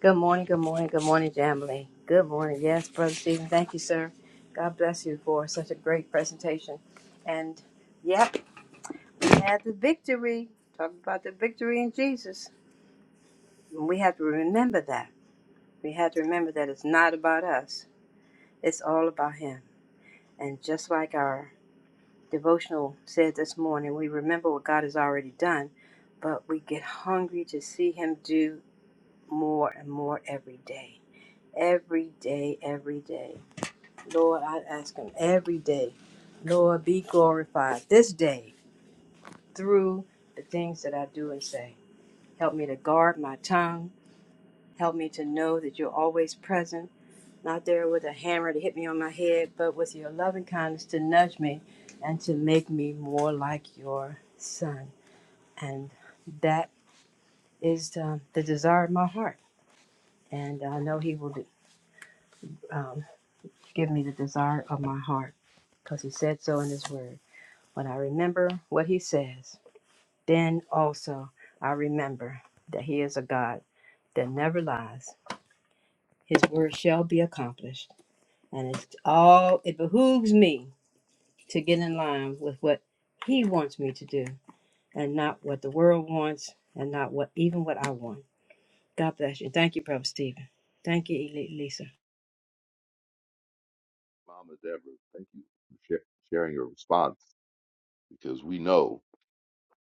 [SPEAKER 2] Good morning, good morning, good morning, Jamily. Good morning. Yes, Brother Stephen, thank you, sir. God bless you for such a great presentation. And yep, we had the victory. Talk about the victory in Jesus. And We have to remember that. We have to remember that it's not about us, it's all about Him. And just like our devotional said this morning, we remember what God has already done, but we get hungry to see Him do more and more every day. Every day, every day. Lord, I ask Him every day, Lord, be glorified this day through the things that I do and say. Help me to guard my tongue. Help me to know that you're always present not there with a hammer to hit me on my head, but with your loving kindness to nudge me and to make me more like your son. And that is uh, the desire of my heart. And I know he will um, give me the desire of my heart because he said so in his word. When I remember what he says, then also I remember that he is a God that never lies. His word shall be accomplished. And it's all, it behooves me to get in line with what He wants me to do and not what the world wants and not what even what I want. God bless you. Thank you, Brother Stephen. Thank you, Eli- Lisa.
[SPEAKER 4] Mama Deborah, thank you for sha- sharing your response because we know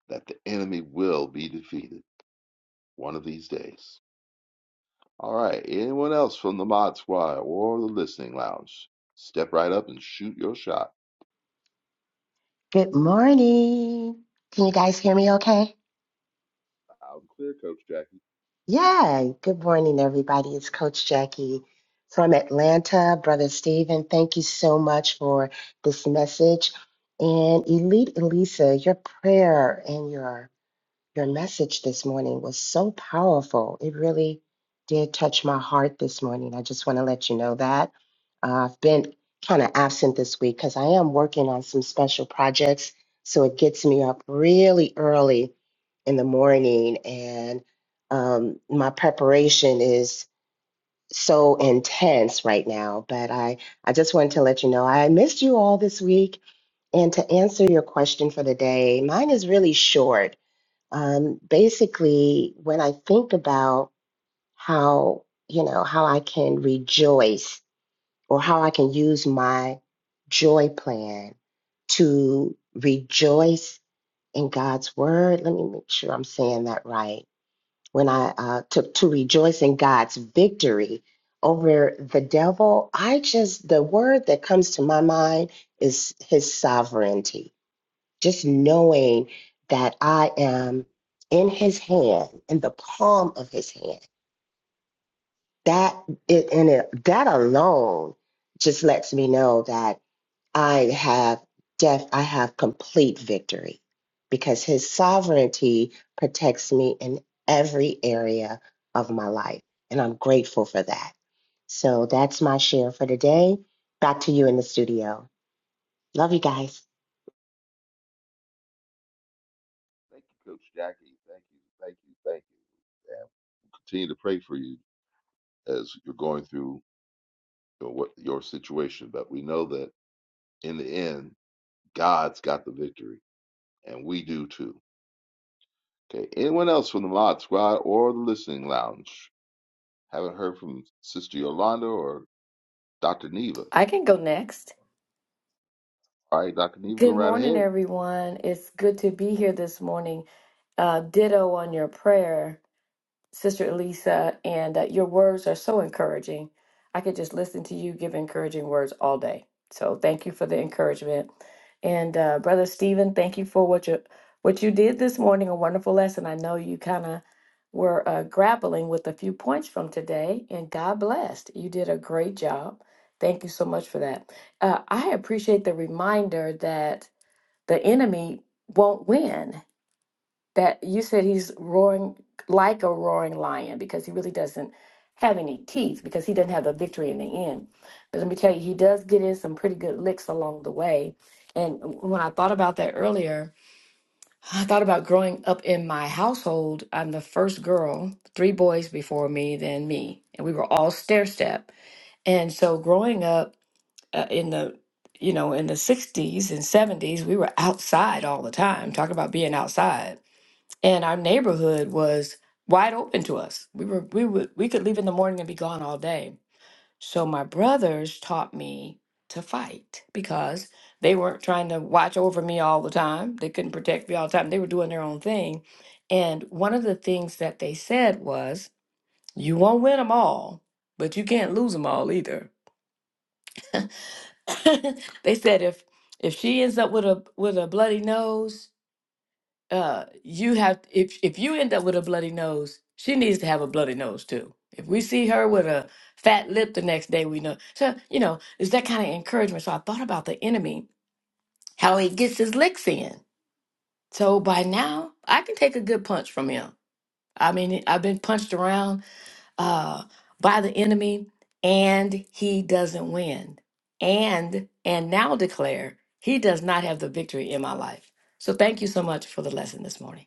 [SPEAKER 4] that the enemy will be defeated. One of these days. All right. Anyone else from the Mod Squad or the Listening Lounge? Step right up and shoot your shot.
[SPEAKER 8] Good morning. Can you guys hear me okay?
[SPEAKER 4] Out and clear, Coach Jackie.
[SPEAKER 8] Yeah, good morning, everybody. It's Coach Jackie from Atlanta. Brother Stephen, thank you so much for this message. And Elite Elisa, your prayer and your Your message this morning was so powerful. It really did touch my heart this morning. I just want to let you know that. Uh, I've been kind of absent this week because I am working on some special projects. So it gets me up really early in the morning and um, my preparation is so intense right now but i i just wanted to let you know i missed you all this week and to answer your question for the day mine is really short um, basically, when I think about how, you know, how I can rejoice or how I can use my joy plan to rejoice in God's word, let me make sure I'm saying that right. When I uh, to, to rejoice in God's victory over the devil, I just, the word that comes to my mind is his sovereignty just knowing that I am in his hand, in the palm of his hand, that it, and it, that alone just lets me know that I have def, I have complete victory because his sovereignty protects me in every area of my life. And I'm grateful for that. So that's my share for today. Back to you in the studio. Love you guys.
[SPEAKER 4] Thank you, Coach Jackie. Thank you, thank you, thank you. And we'll continue to pray for you as you're going through your, what your situation. But we know that in the end, God's got the victory, and we do too. Okay. Anyone else from the Mod Squad or the Listening Lounge? Haven't heard from Sister Yolanda or Dr. Neva.
[SPEAKER 9] I can go next.
[SPEAKER 4] All right, Dr. Neva, go
[SPEAKER 9] Good
[SPEAKER 4] right
[SPEAKER 9] morning,
[SPEAKER 4] ahead.
[SPEAKER 9] everyone. It's good to be here this morning. Uh, ditto on your prayer. Sister Elisa, and uh, your words are so encouraging. I could just listen to you give encouraging words all day. So thank you for the encouragement. And uh, Brother Stephen, thank you for what you what you did this morning. A wonderful lesson. I know you kind of were uh, grappling with a few points from today, and God blessed. You did a great job. Thank you so much for that. Uh, I appreciate the reminder that the enemy won't win that you said he's roaring like a roaring lion because he really doesn't have any teeth because he doesn't have the victory in the end. But let me tell you, he does get in some pretty good licks along the way. And when I thought about that earlier, I thought about growing up in my household. I'm the first girl, three boys before me, then me, and we were all stair step. And so growing up uh, in the you know in the 60s and 70s, we were outside all the time. Talk about being outside and our neighborhood was wide open to us. We were we would we could leave in the morning and be gone all day. So my brothers taught me to fight because they weren't trying to watch over me all the time. They couldn't protect me all the time. They were doing their own thing. And one of the things that they said was, "You won't win them all, but you can't lose them all either." [LAUGHS] they said if if she ends up with a with a bloody nose, uh you have if if you end up with a bloody nose she needs to have a bloody nose too if we see her with a fat lip the next day we know so you know it's that kind of encouragement so i thought about the enemy how he gets his licks in so by now i can take a good punch from him i mean i've been punched around uh by the enemy and he doesn't win and and now declare he does not have the victory in my life so thank you so much for the lesson this morning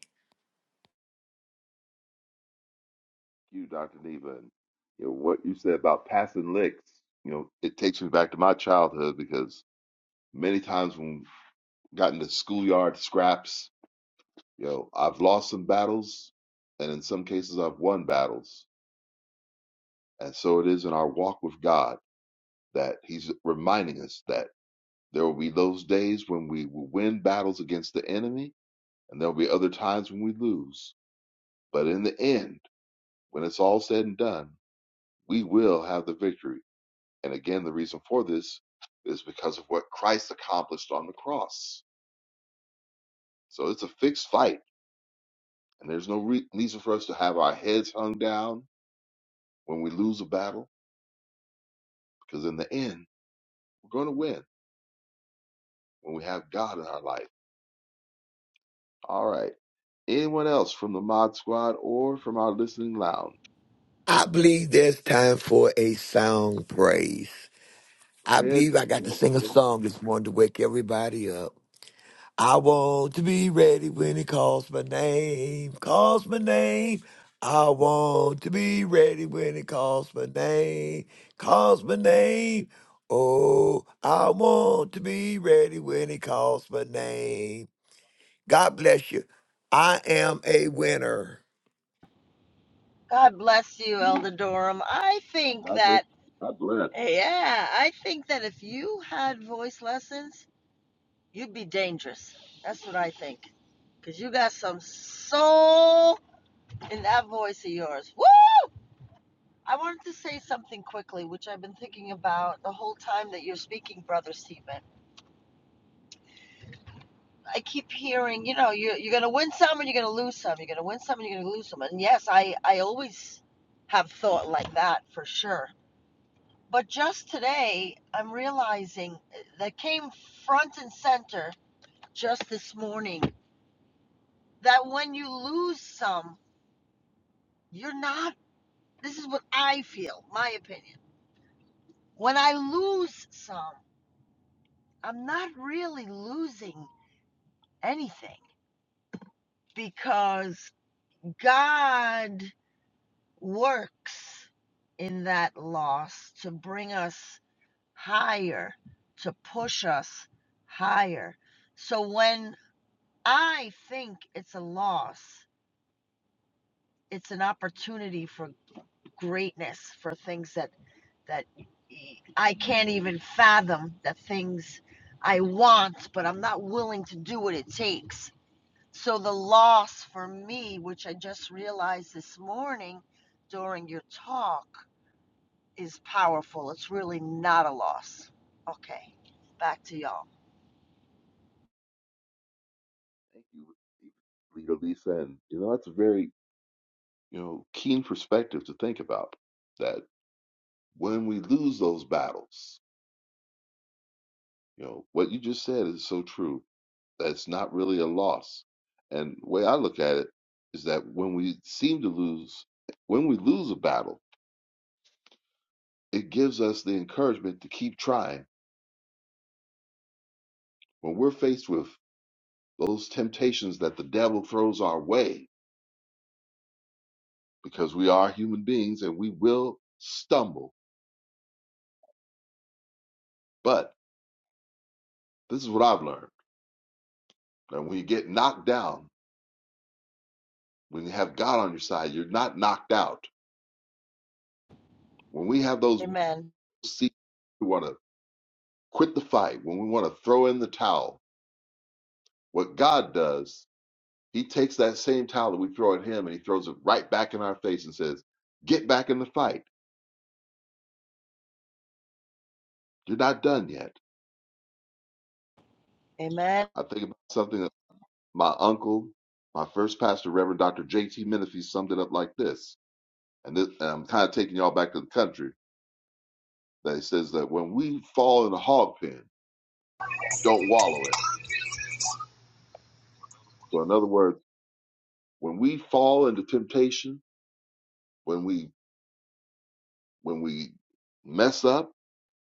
[SPEAKER 4] you, Dr. Neva, and you know, what you said about passing licks. You know, it takes me back to my childhood because many times when we got into schoolyard scraps, you know, I've lost some battles, and in some cases, I've won battles. And so it is in our walk with God that He's reminding us that there will be those days when we will win battles against the enemy, and there will be other times when we lose. But in the end, when it's all said and done, we will have the victory And again, the reason for this is because of what Christ accomplished on the cross. So it's a fixed fight, and there's no re- reason for us to have our heads hung down when we lose a battle, because in the end, we're going to win when we have God in our life. All right. Anyone else from the Mod Squad or from our listening lounge?
[SPEAKER 7] I believe there's time for a song praise.
[SPEAKER 4] Go
[SPEAKER 7] I
[SPEAKER 4] ahead.
[SPEAKER 7] believe I got to
[SPEAKER 4] Well,
[SPEAKER 7] sing a song this morning to wake everybody up. I want to be ready when he calls my name, calls my name. I want to be ready when he calls my name, calls my name. Oh, I want to be ready when he calls my name. God bless you. I am a winner.
[SPEAKER 3] God bless you, Elder Durham. I think
[SPEAKER 4] God bless.
[SPEAKER 3] that,
[SPEAKER 4] God bless.
[SPEAKER 3] yeah, I think that if you had voice lessons, You'd be dangerous. That's what I think. Because you got some soul in that voice of yours. Woo! I wanted to say something quickly, which I've been thinking about the whole time that you're speaking, Brother Stephen. I keep hearing, you know, you're, you're going to win some and you're going to lose some. You're going to win some and you're going to lose some. And yes, I, I always have thought like that for sure. But just today, I'm realizing uh, that came front and center just this morning that when you lose some, You're not. This is what I feel, my opinion. When I lose some, I'm not really losing anything because God works in that loss to bring us higher, to push us higher. So when I think it's a loss, it's an opportunity for greatness for things that that I I can't even fathom the things I want, but I'm not willing to do what it takes. So the loss for me, which I just realized this morning during your talk, is powerful. It's really not a loss. Okay, back to y'all.
[SPEAKER 4] Thank you, Leader Lisa. And, you know, that's a very, you know, keen perspective to think about. that. when we lose those battles, you know, what you just said is so true. That's not really a loss. And the way I look at it is that when we seem to lose, when we lose a battle, it gives us the encouragement to keep trying. When we're faced with those temptations that the devil throws our way, because we are human beings and we will stumble. But this is what I've learned. And when you get knocked down, when you have God on your side, you're not knocked out. When we have those
[SPEAKER 3] Amen.
[SPEAKER 4] see we want to quit the fight when we want to throw in the towel what god does he takes that same towel that we throw at him and he throws it right back in our face and says get back in the fight you're not done yet
[SPEAKER 3] Amen.
[SPEAKER 4] i think about something that my uncle my first pastor reverend dr jt menifee summed it up like this and, this, and i'm kind of taking y'all back to the country that he says that when we fall in a hog pen don't wallow in it so in other words when we fall into temptation when we when we mess up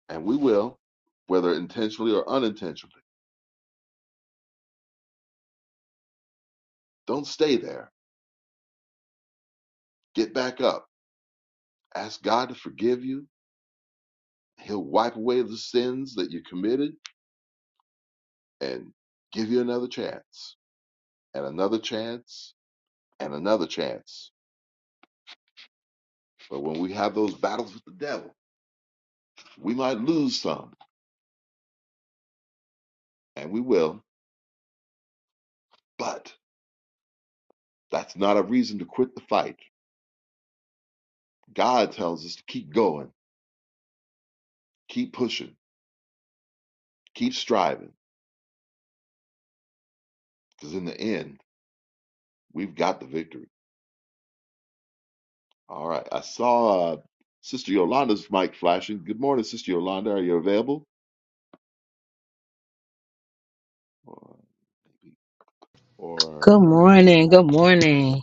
[SPEAKER 4] and we will, whether intentionally or unintentionally. Don't stay there. Get back up. Ask God to forgive you. He'll wipe away the sins that you committed and give you another chance, and another chance, and another chance. But when we have those battles with the devil, we might lose some, and we will, but that's not a reason to quit the fight. God tells us to keep going, keep pushing, keep striving, because in the end, we've got the victory. All right. I saw uh, Sister Yolanda's mic flashing. Good morning, Sister Yolanda. Are you available? Or, or
[SPEAKER 10] Good morning. Good morning.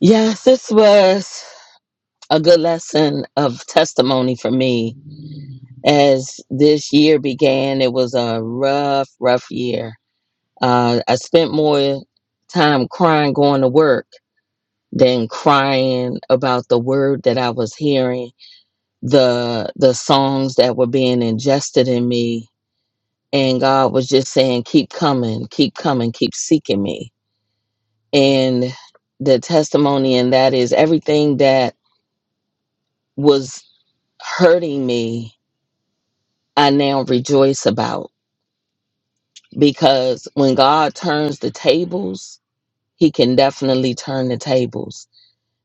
[SPEAKER 10] Yes, this was a good lesson of testimony for me. As this year began, it was a rough, rough year. Uh, I spent more time crying going to work than crying about the word that I was hearing, the the songs that were being ingested in me, and God was just saying, "Keep coming, keep coming, keep seeking me." and the testimony and that is everything that was hurting me i now rejoice about because when god turns the tables he can definitely turn the tables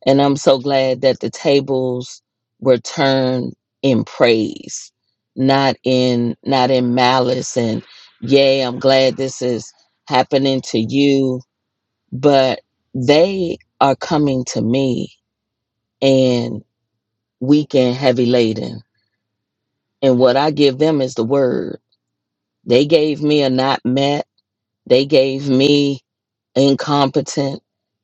[SPEAKER 10] and i'm so glad that the tables were turned in praise not in not in malice and yay i'm glad this is happening to you but they are coming to me and. weak and heavy laden. And what I give them is the word. They gave me a not met. They gave me incompetent.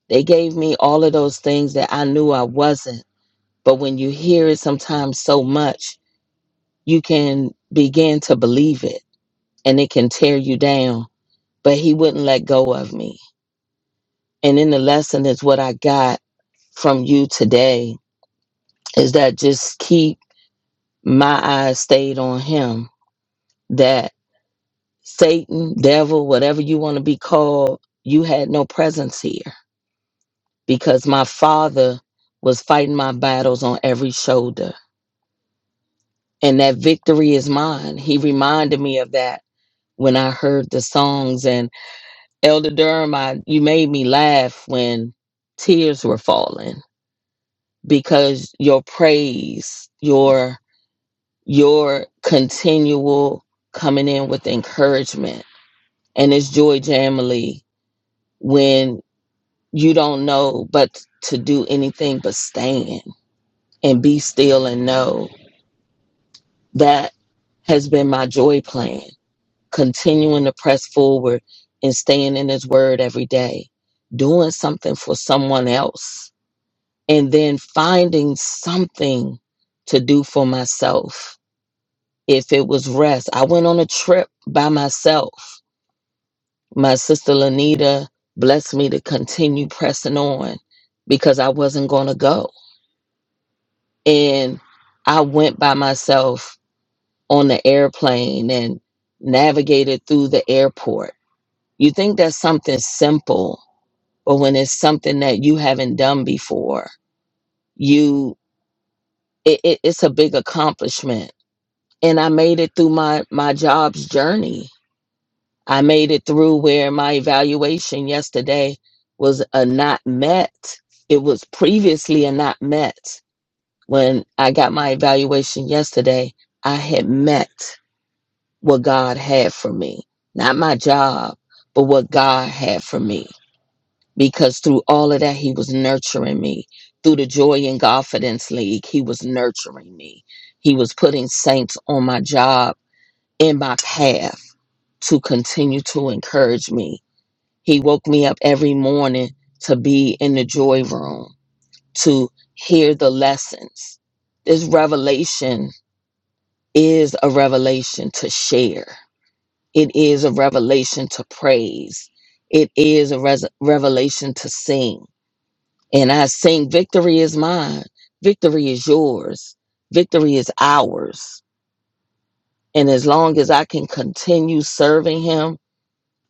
[SPEAKER 10] They gave me all of those things that I knew I wasn't. But when you hear it sometimes so much, you can begin to believe it and it can tear you down. But he wouldn't let go of me. And in the lesson is what I got from you today is that just keep my eyes stayed on him. That. Satan, devil, whatever you want to be called, you had no presence here because my father was fighting my battles on every shoulder. And that victory is mine. He reminded me of that when I heard the songs. And Elder Durham, I, you made me laugh when tears were falling because your praise, your your continual coming in with encouragement. And it's Joy Jamily when you don't know but to do anything but stand and be still and know that has been my joy plan continuing to press forward and staying in his word every day doing something for someone else and then finding something to do for myself if it was rest i went on a trip by myself my sister lanita blessed me to continue pressing on because i wasn't going to go and I went by myself on the airplane and navigated through the airport. You think that's something simple, but when it's something that you haven't done before, you it, it, it's a big accomplishment. And I made it through my my job's journey. I made it through where my evaluation yesterday was a not met. It was previously a not met. When I got my evaluation yesterday, I had met. what God had for me. Not my job, but what God had for me. Because through all of that, He was nurturing me. Through the Joy and Confidence League, He was nurturing me. He was putting saints on my job, in my path to continue to encourage me. He woke me up every morning to be in the joy room, to hear the lessons. This revelation is a revelation to share It is a revelation to praise. It is a res- revelation to sing. And I sing, Victory is mine. Victory is yours. Victory is ours. And as long as I can continue serving Him,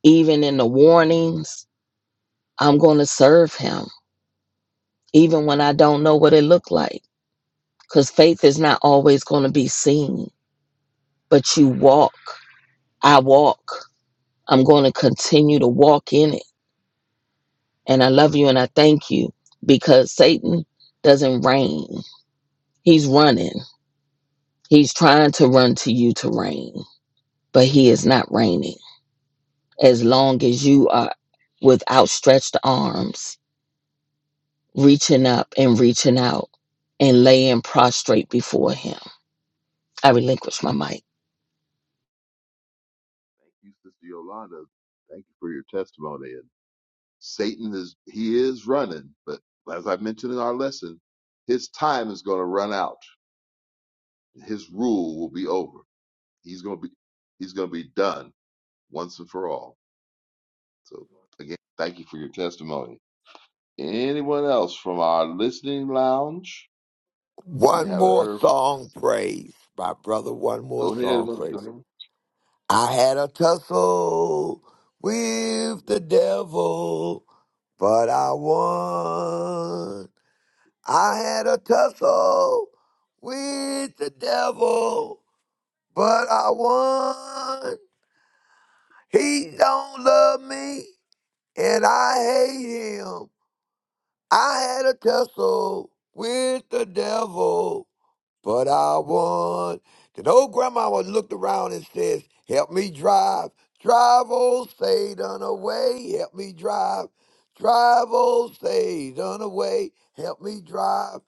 [SPEAKER 10] even in the warnings, I'm going to serve Him, even when I don't know what it looked like. Because faith is not always going to be seen, but you walk. I walk. I'm going to continue to walk in it And I love you and I thank you because Satan doesn't reign. He's running. He's trying to run to you to reign, but he is not reigning. As long as you are with outstretched arms, reaching up and reaching out and laying prostrate before him, I relinquish my mic.
[SPEAKER 4] thank you, Sister Yolanda. Thank you for your testimony. And Satan is he is running, but as I mentioned in our lesson, his time is going to run out. His rule will be over. He's going to be he's going to be done once and for all. So again, thank you for your testimony. Anyone else from our listening lounge? We
[SPEAKER 7] One
[SPEAKER 4] haven't
[SPEAKER 7] more
[SPEAKER 4] heard.
[SPEAKER 7] song, praise. My brother, one more
[SPEAKER 4] From,
[SPEAKER 7] song, praise.
[SPEAKER 4] go ahead.
[SPEAKER 7] I had a tussle with the devil, but I won. I had a tussle with the devil, but I won. He don't love me, and I hate him. I had a tussle with the devil, but I won. Then old grandma looked around and says, Help me drive, drive old Satan away, help me drive, drive old Satan away, help me drive,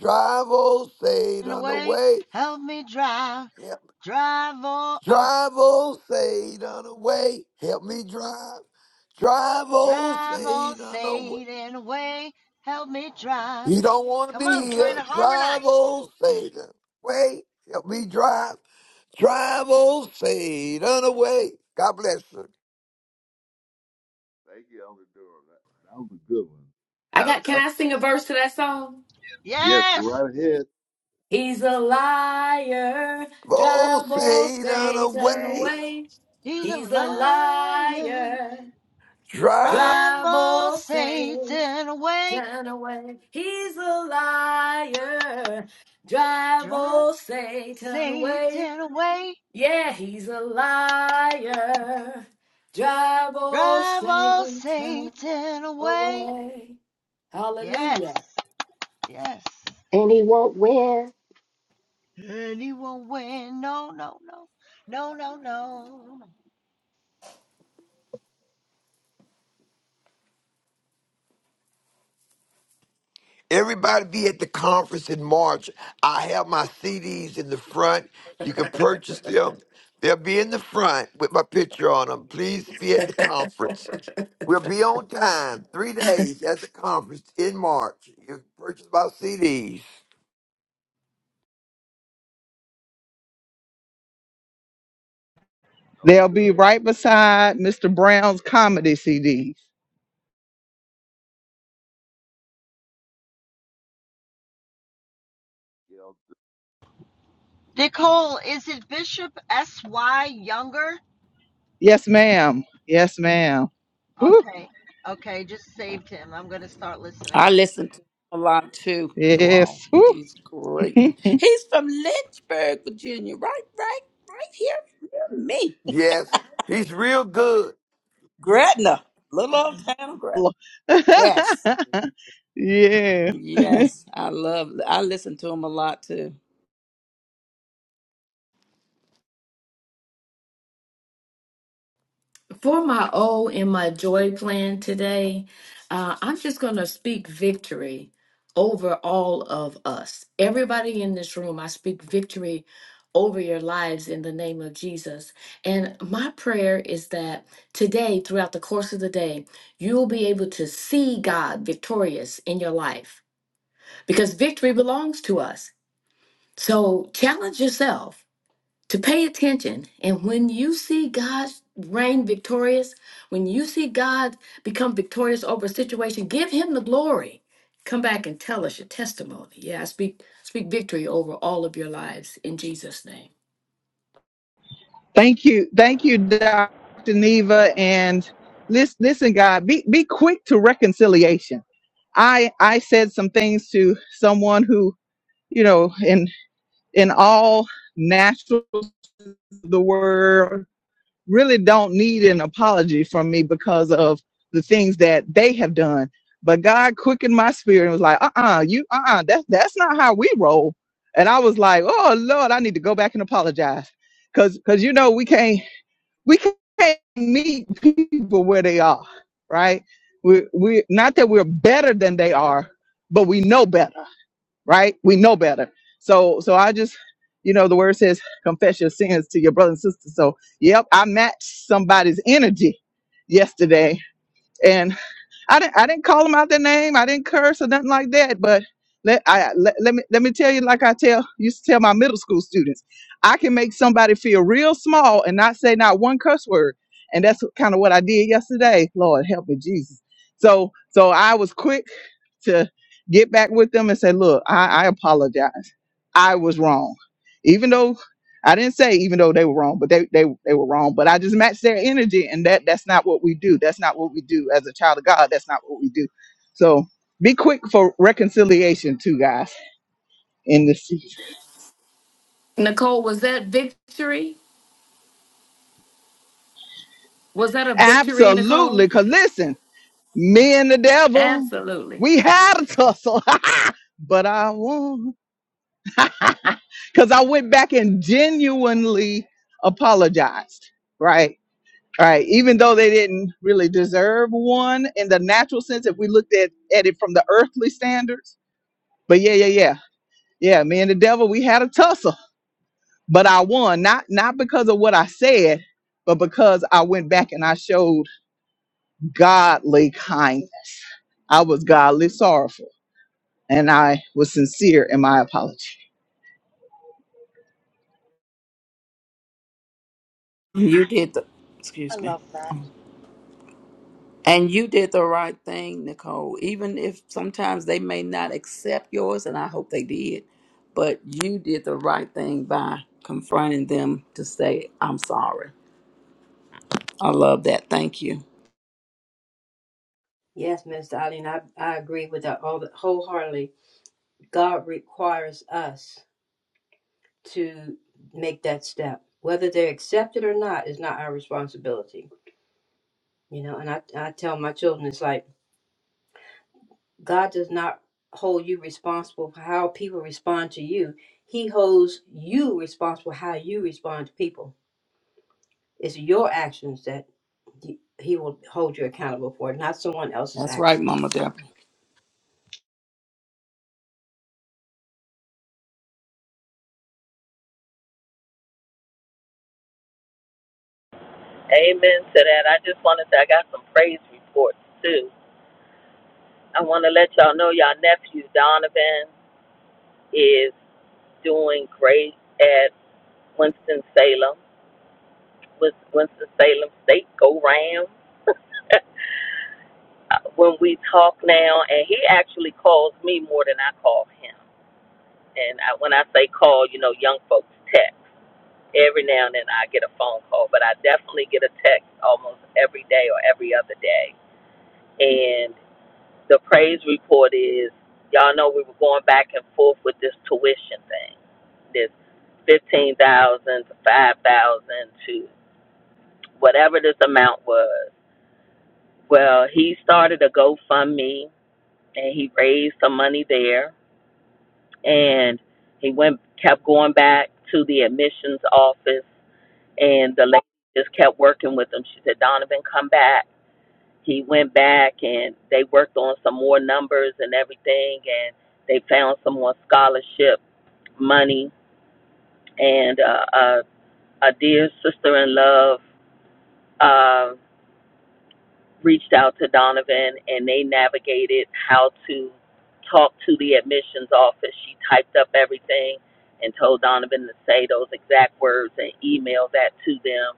[SPEAKER 7] drive old Satan
[SPEAKER 3] Away,
[SPEAKER 7] away,
[SPEAKER 3] help me drive,
[SPEAKER 7] help,
[SPEAKER 3] drive on.
[SPEAKER 7] drive old Satan away, help me drive, drive old
[SPEAKER 3] Drive, oh
[SPEAKER 7] Satan away.
[SPEAKER 3] Satan, away. Help me drive.
[SPEAKER 7] We don't want to
[SPEAKER 3] Come
[SPEAKER 7] be
[SPEAKER 3] on, I'm
[SPEAKER 7] here.
[SPEAKER 3] trying to
[SPEAKER 7] Drive
[SPEAKER 3] harmonize.
[SPEAKER 7] old Satan. Wait, help me drive. Drive old Satan away. God bless you.
[SPEAKER 4] Thank you, Elder Durham. That, that was a good one.
[SPEAKER 9] I
[SPEAKER 4] Had a
[SPEAKER 9] got. Can
[SPEAKER 4] tough.
[SPEAKER 9] I sing a verse to that song?
[SPEAKER 4] Yes, go
[SPEAKER 3] Yes!
[SPEAKER 4] right ahead,
[SPEAKER 9] He's a liar.
[SPEAKER 7] Old
[SPEAKER 9] Drive old
[SPEAKER 7] Satan
[SPEAKER 9] Satan
[SPEAKER 7] away.
[SPEAKER 9] away.
[SPEAKER 3] He's a
[SPEAKER 9] He's a
[SPEAKER 3] liar.
[SPEAKER 9] liar.
[SPEAKER 7] Drive.
[SPEAKER 3] Drive,
[SPEAKER 9] Drive
[SPEAKER 3] oh
[SPEAKER 9] old Satan
[SPEAKER 3] Satan, away.
[SPEAKER 9] away. He's a liar. Drive
[SPEAKER 3] Drive,
[SPEAKER 9] old Satan away.
[SPEAKER 3] Satan, away.
[SPEAKER 9] Yeah, he's a liar. Drive old
[SPEAKER 3] Drive, oh
[SPEAKER 9] Satan
[SPEAKER 3] Satan, away.
[SPEAKER 9] away.
[SPEAKER 3] Yes,
[SPEAKER 9] Hallelujah.
[SPEAKER 3] yes.
[SPEAKER 8] And he won't win.
[SPEAKER 3] And he won't win. No, no, no. No, no, no.
[SPEAKER 7] Everybody be at the conference in March. I have my CDs in the front. You can purchase them. They'll be in the front with my picture on them. Please be at the conference. We'll be on time. Three days at the conference in March. You can purchase my CDs.
[SPEAKER 4] Elder
[SPEAKER 1] They'll be
[SPEAKER 4] Durham.
[SPEAKER 1] right beside Mr. Brown's comedy CDs.
[SPEAKER 4] You know,
[SPEAKER 3] Nicole, is it Bishop S.Y. Younger?
[SPEAKER 1] Yes, ma'am. Yes, ma'am. Woo.
[SPEAKER 3] Okay. Okay. Just saved him. I'm going to start listening.
[SPEAKER 5] I listen to him a lot too, you all.
[SPEAKER 1] Yes. Woo.
[SPEAKER 5] He's great. He's from Lynchburg, Virginia, right, right, right here, near me.
[SPEAKER 7] Yes, he's real good.
[SPEAKER 5] Gretna, little old town Gretna. Yes, yes. I love. I listen to him a lot too.
[SPEAKER 9] For my O and my joy plan today, uh, I'm just going to speak victory over all of us. Everybody in this room, I speak victory over your lives in the name of Jesus. And my prayer is that today, throughout the course of the day, you'll be able to see God victorious in your life because victory belongs to us. So challenge yourself to pay attention. And when you see God reign victorious, when you see God become victorious over a situation, give him the glory. Come back and tell us your testimony. Yeah, I speak speak victory over all of your lives in Jesus' name.
[SPEAKER 1] Thank you. Thank you, Dr. Neva. And listen, listen, God, be, be quick to reconciliation. I I said some things to someone who, you know, in in all nationals of the world really don't need an apology from me because of the things that they have done. But God quickened my spirit and was like, uh-uh, you uh-uh, that's that's not how we roll. And I was like, oh Lord, I need to go back and apologize. Cause cause you know we can't we can't meet people where they are, right? We we not that we're better than they are, but we know better right? We know better. So, so I just, you know, the word says confess your sins to your brother and sister. So, yep, I matched somebody's energy yesterday. I didn't I didn't call them out their name. I didn't curse or nothing like that. But let I let, let me let me tell you, like I tell used to tell my middle school students, I can make somebody feel real small and not say not one curse word. And that's kind of what I did yesterday. Lord help me, Jesus. So so I was quick to get back with them and say, look, I, I apologize. I was wrong. Even though I didn't say even though they were wrong, but they they they were wrong. But I just matched their energy, and that that's not what we do. That's not what we do as a child of God. That's not what we do. So be quick for reconciliation, too, guys, in this season.
[SPEAKER 9] Nicole, was that victory? Was that a victory,
[SPEAKER 1] Absolutely,
[SPEAKER 9] Nicole?
[SPEAKER 1] because listen, me and the devil,
[SPEAKER 9] Absolutely.
[SPEAKER 1] we had a tussle, [LAUGHS] but I won [LAUGHS] because I went back and genuinely apologized, right. All right. Even though they didn't really deserve one in the natural sense, if we looked at, at it from the earthly standards. But yeah, yeah, yeah. Yeah, me and the devil, we had a tussle. But I won, not not because of what I said, but because I went back and I showed godly kindness. I was godly sorrowful. And I was sincere in my apology.
[SPEAKER 5] You did the.
[SPEAKER 3] I
[SPEAKER 5] Excuse me.
[SPEAKER 3] love that.
[SPEAKER 5] And you did the right thing, Nicole. Even if sometimes they may not accept yours, and I hope they did, but you did the right thing by confronting them to say, "I'm sorry." I love that. Thank you.
[SPEAKER 2] Yes, Mr. Eileen, I, I agree with that all wholeheartedly. God requires us to make that step. Whether they accept it or not is not our responsibility. You know, and I, I tell my children, it's like, God does not hold you responsible for how people respond to you. He holds you responsible how you respond to people. It's your actions that he will hold you accountable for, not someone else's
[SPEAKER 5] That's right,
[SPEAKER 2] actions.
[SPEAKER 5] Mama Deborah.
[SPEAKER 10] Amen to that. I just want to say I got some praise reports too. I want to let y'all know y'all nephew Donovan is doing great at Winston Salem. was Winston-Salem State go round. When we talk now, and he actually calls me more than I call him. And I, when I say call, you know, young folks text. Every now and then I get a phone call, but I definitely get a text almost every day or every other day. And the praise report is, y'all know we were going back and forth with this tuition thing, this fifteen thousand dollars to five thousand dollars to whatever this amount was. Well, he started a GoFundMe and he raised some money there and he went kept going back to the admissions office and the lady just kept working with him she said donovan come back he went back and they worked on some more numbers and everything and they found some more scholarship money and uh, a, a dear sister in love uh, reached out to Donovan and they navigated how to talk to the admissions office. She typed up everything and told Donovan to say those exact words and email that to them.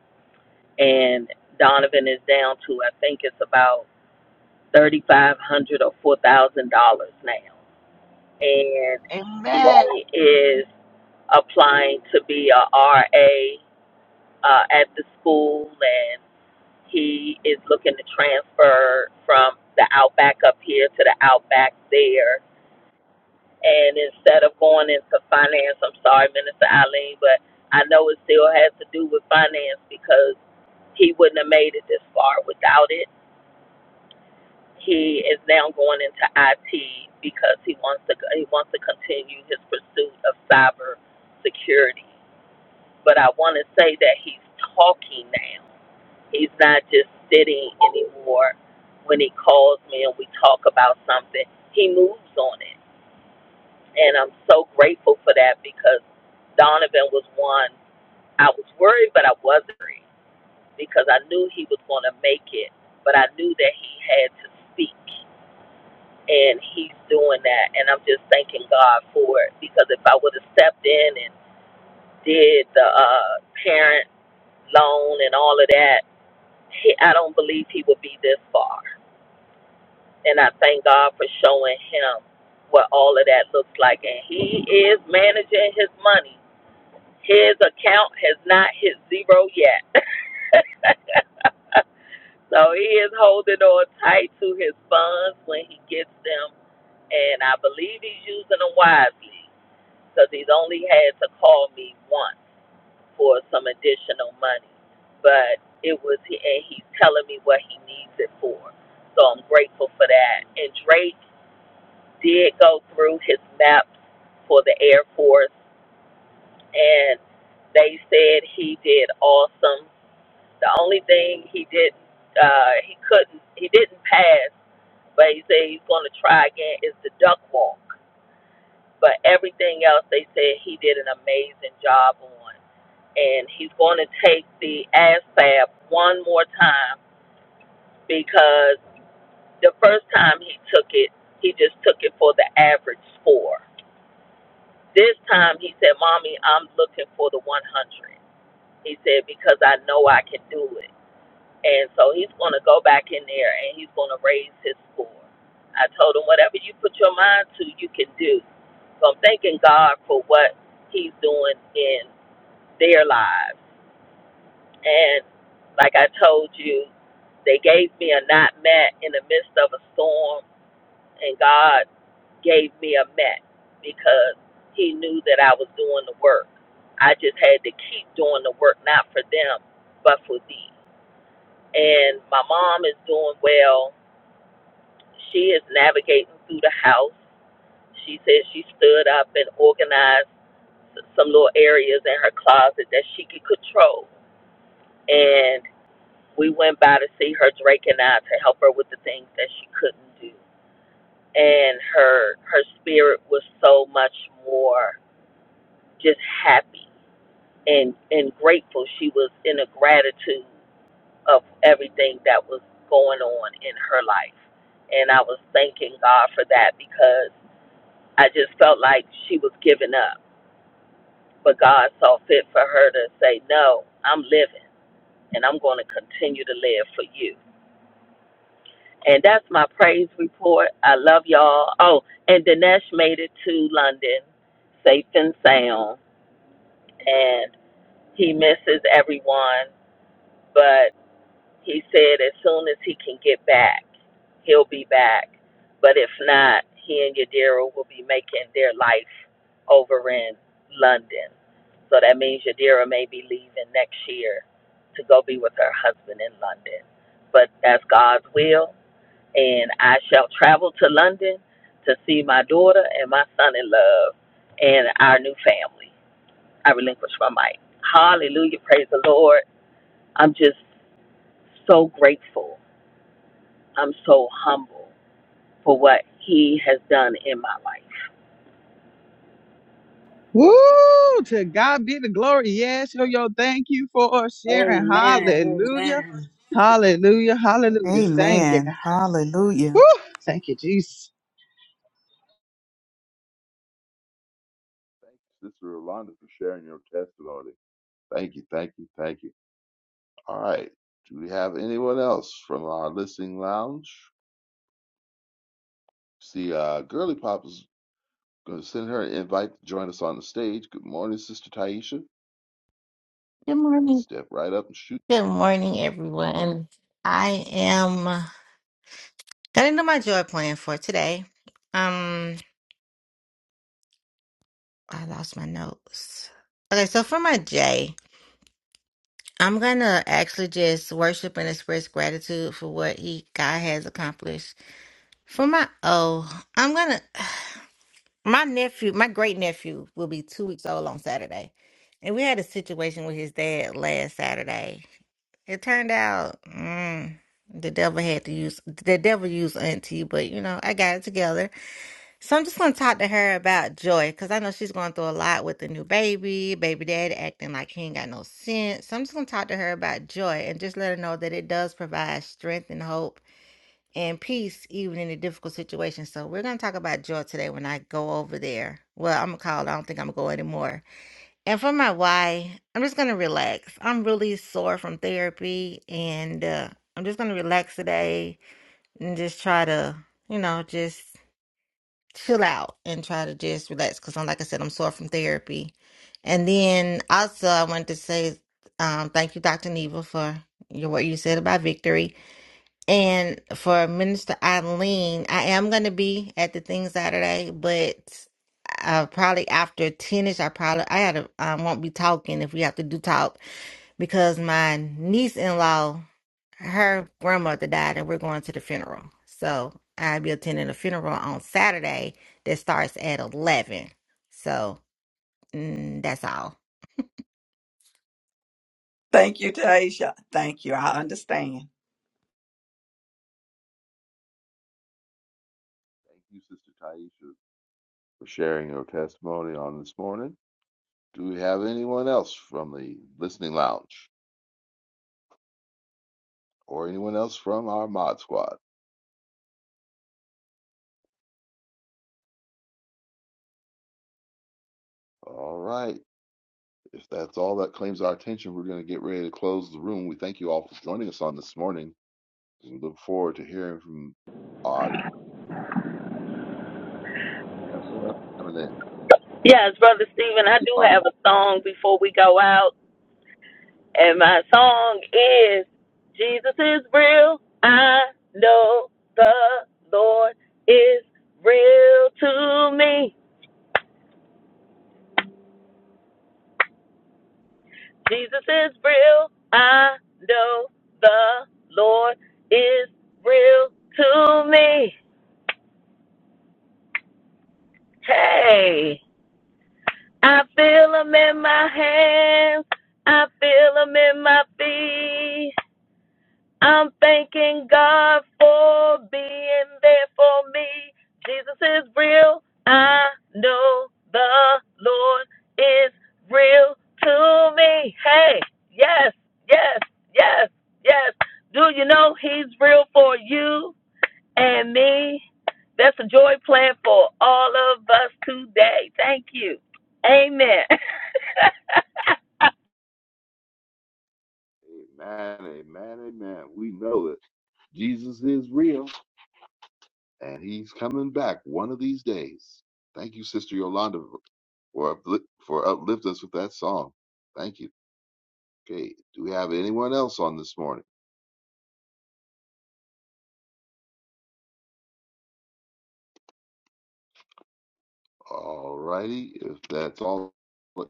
[SPEAKER 10] And Donovan is down to, I think it's about $3,500 or $4,000 now. And
[SPEAKER 3] Amen.
[SPEAKER 10] he is applying to be a RA uh, at the school and. He is looking to transfer from the Outback up here to the Outback there. And instead of going into finance, I'm sorry, Minister Eileen, but I know it still has to do with finance because he wouldn't have made it this far without it. He is now going into IT because he wants to he wants to continue his pursuit of cyber security. But I want to say that he's talking now He's not just sitting anymore when he calls me and we talk about something. He moves on it. And I'm so grateful for that because Donovan was one I was worried, but I wasn't worried because I knew he was going to make it, but I knew that he had to speak. And he's doing that. And I'm just thanking God for it because if I would have stepped in and did the uh, parent loan and all of that, he, I don't believe he would be this far And I thank God for showing him what all of that looks like. And he is managing his money. His account has not hit zero yet. So he is holding on tight to his funds when he gets them. And I believe he's using them wisely because he's only had to call me once for some additional money. But it was, and he's telling me what he needs it for. So I'm grateful for that. And Drake did go through his maps for the Air Force, and they said he did awesome. The only thing he didn't, uh, he couldn't, he didn't pass, but he said he's going to try again is the duck walk. But everything else, they said he did an amazing job on, and he's going to take the ASVAB one more time because the first time he took it, he just took it for the average score This time he said, Mommy, I'm looking for the 100. He said, Because I know I can do it. And so he's going to go back in there and he's going to raise his score. I told him, Whatever you put your mind to, you can do. So I'm thanking God for what he's doing in their lives. And like I told you, they gave me a not met in the midst of a storm and God gave me a mat because He knew that I was doing the work. I just had to keep doing the work, not for them, but for thee. And my mom is doing well. She is navigating through the house. She says she stood up and organized some little areas in her closet that she could control. And we went by to see her, Drake and I, to help her with the things that she couldn't do. And her her spirit was so much more just happy and and grateful she was in a gratitude of everything that was going on in her life and i was thanking god for that because i just felt like she was giving up but god saw fit for her to say no i'm living and i'm going to continue to live for you and that's my praise report i love y'all oh and dinesh made it to london safe and sound and he misses everyone but. He said as soon as he can get back, he'll be back. But if not, he and Yadira will be making their life over in London. So that means Yadira may be leaving next year to go be with her husband in London. But that's God's will. And I shall travel to London to see my daughter and my son in love and our new family. I relinquish my mic. Hallelujah. Praise the Lord. I'm just so grateful I'm so humble for what he has done in my life.
[SPEAKER 1] Thank you for sharing.
[SPEAKER 2] Amen.
[SPEAKER 1] Hallelujah.
[SPEAKER 2] Amen.
[SPEAKER 1] Hallelujah. Hallelujah. Thank you, God.
[SPEAKER 6] Amen. Hallelujah.
[SPEAKER 1] Woo, thank you, Jesus.
[SPEAKER 4] thank you, Sister Rolanda, for sharing your testimony. Thank you, thank you, thank you. All right. Do we have anyone else from our listening lounge? See, uh, Girly Pop is going to send her an invite to join us on the stage. Good morning, Sister Taisha.
[SPEAKER 11] Good morning.
[SPEAKER 4] Step right up and shoot.
[SPEAKER 11] Good morning, everyone. I am getting to my joy plan for today. Um, I lost my notes. Okay, so for my J, I'm gonna actually just worship and express gratitude for what he God has accomplished. For my O, I'm gonna [SIGHS] my nephew, my great nephew, will be two weeks old on Saturday, and we had a situation with his dad last Saturday. It turned out mm, the devil had to use the devil used auntie, but you know I got it together. So I'm just gonna talk to her about Joy because I know she's going through a lot with the new baby, baby daddy acting like he ain't got no sense. So I'm just gonna talk to her about Joy and just let her know that it does provide strength and hope and peace even in a difficult situation. So we're gonna talk about Joy today when I go over there. Well, I'm gonna call. it. I don't think I'm gonna go anymore. And for my why, I'm just gonna relax. I'm really sore from therapy, and uh, I'm just gonna relax today and just try to, you know, just chill out and try to just relax. Cause I'm like I said, I'm sore from therapy. And then also, I wanted to say um, thank you, Dr. Neva, for your what you said about victory, and for Minister Eileen. I am gonna be at the thing Saturday, but uh, probably after 10 ish, I probably, I had to, I won't be talking if we have to do talk because my niece in law, her grandmother died and we're going to the funeral. So I'll be attending a funeral on Saturday that starts at 11. So mm, that's all.
[SPEAKER 5] Thank you, Taisha. Thank you. I understand.
[SPEAKER 4] Thank you, Sister Taisha, for sharing your testimony on this morning. Do we have anyone else from the listening lounge? or anyone else from our mod squad. All right. If that's all that claims our attention, we're going to get ready to close the room. We thank you all for joining us on this morning. We look forward to hearing from our. We have someone else coming in.
[SPEAKER 10] Yes, Brother Stephen, I
[SPEAKER 4] Just your
[SPEAKER 10] do have
[SPEAKER 4] body.
[SPEAKER 10] a song before we go out, and my song is Jesus is real. I know the Lord is real to me. Jesus is real. I know the Lord is real to me. Hey. I feel 'em in my hands. I feel 'em in my feet. I'm thanking God for being there for me. Jesus is real. I know the Lord is real to me. Hey, yes, yes, yes, yes. Do you know He's real for you? and me. That's a joy plan for all of us today. Thank you. Amen. [LAUGHS]
[SPEAKER 4] Amen, amen, amen. We know that Jesus is real and he's coming back one of these days. Thank you, Sister Yolanda, for, upli- for uplift us with that song. Thank you. Okay. Do we have anyone else on this morning? All righty, if that's all uh,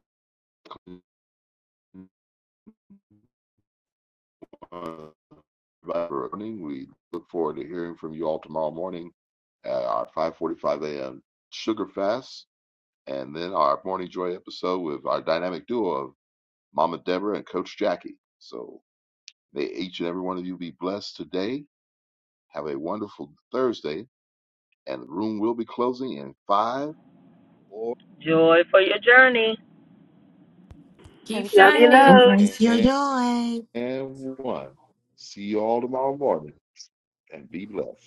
[SPEAKER 4] Survivor we look forward to hearing from you all tomorrow morning at our 5:45 a.m. Sugar Fast, and then our Morning Joy episode with our dynamic duo of Mama Deborah and Coach Jackie. So may each and every one of you be blessed today. Have a wonderful Thursday, and the room will be closing in five, four,
[SPEAKER 10] joy for your journey.
[SPEAKER 9] Keep
[SPEAKER 2] Love you,
[SPEAKER 9] shining.
[SPEAKER 2] loads.
[SPEAKER 8] Raise your
[SPEAKER 4] and
[SPEAKER 8] joy.
[SPEAKER 4] and one. See you all tomorrow morning and be blessed.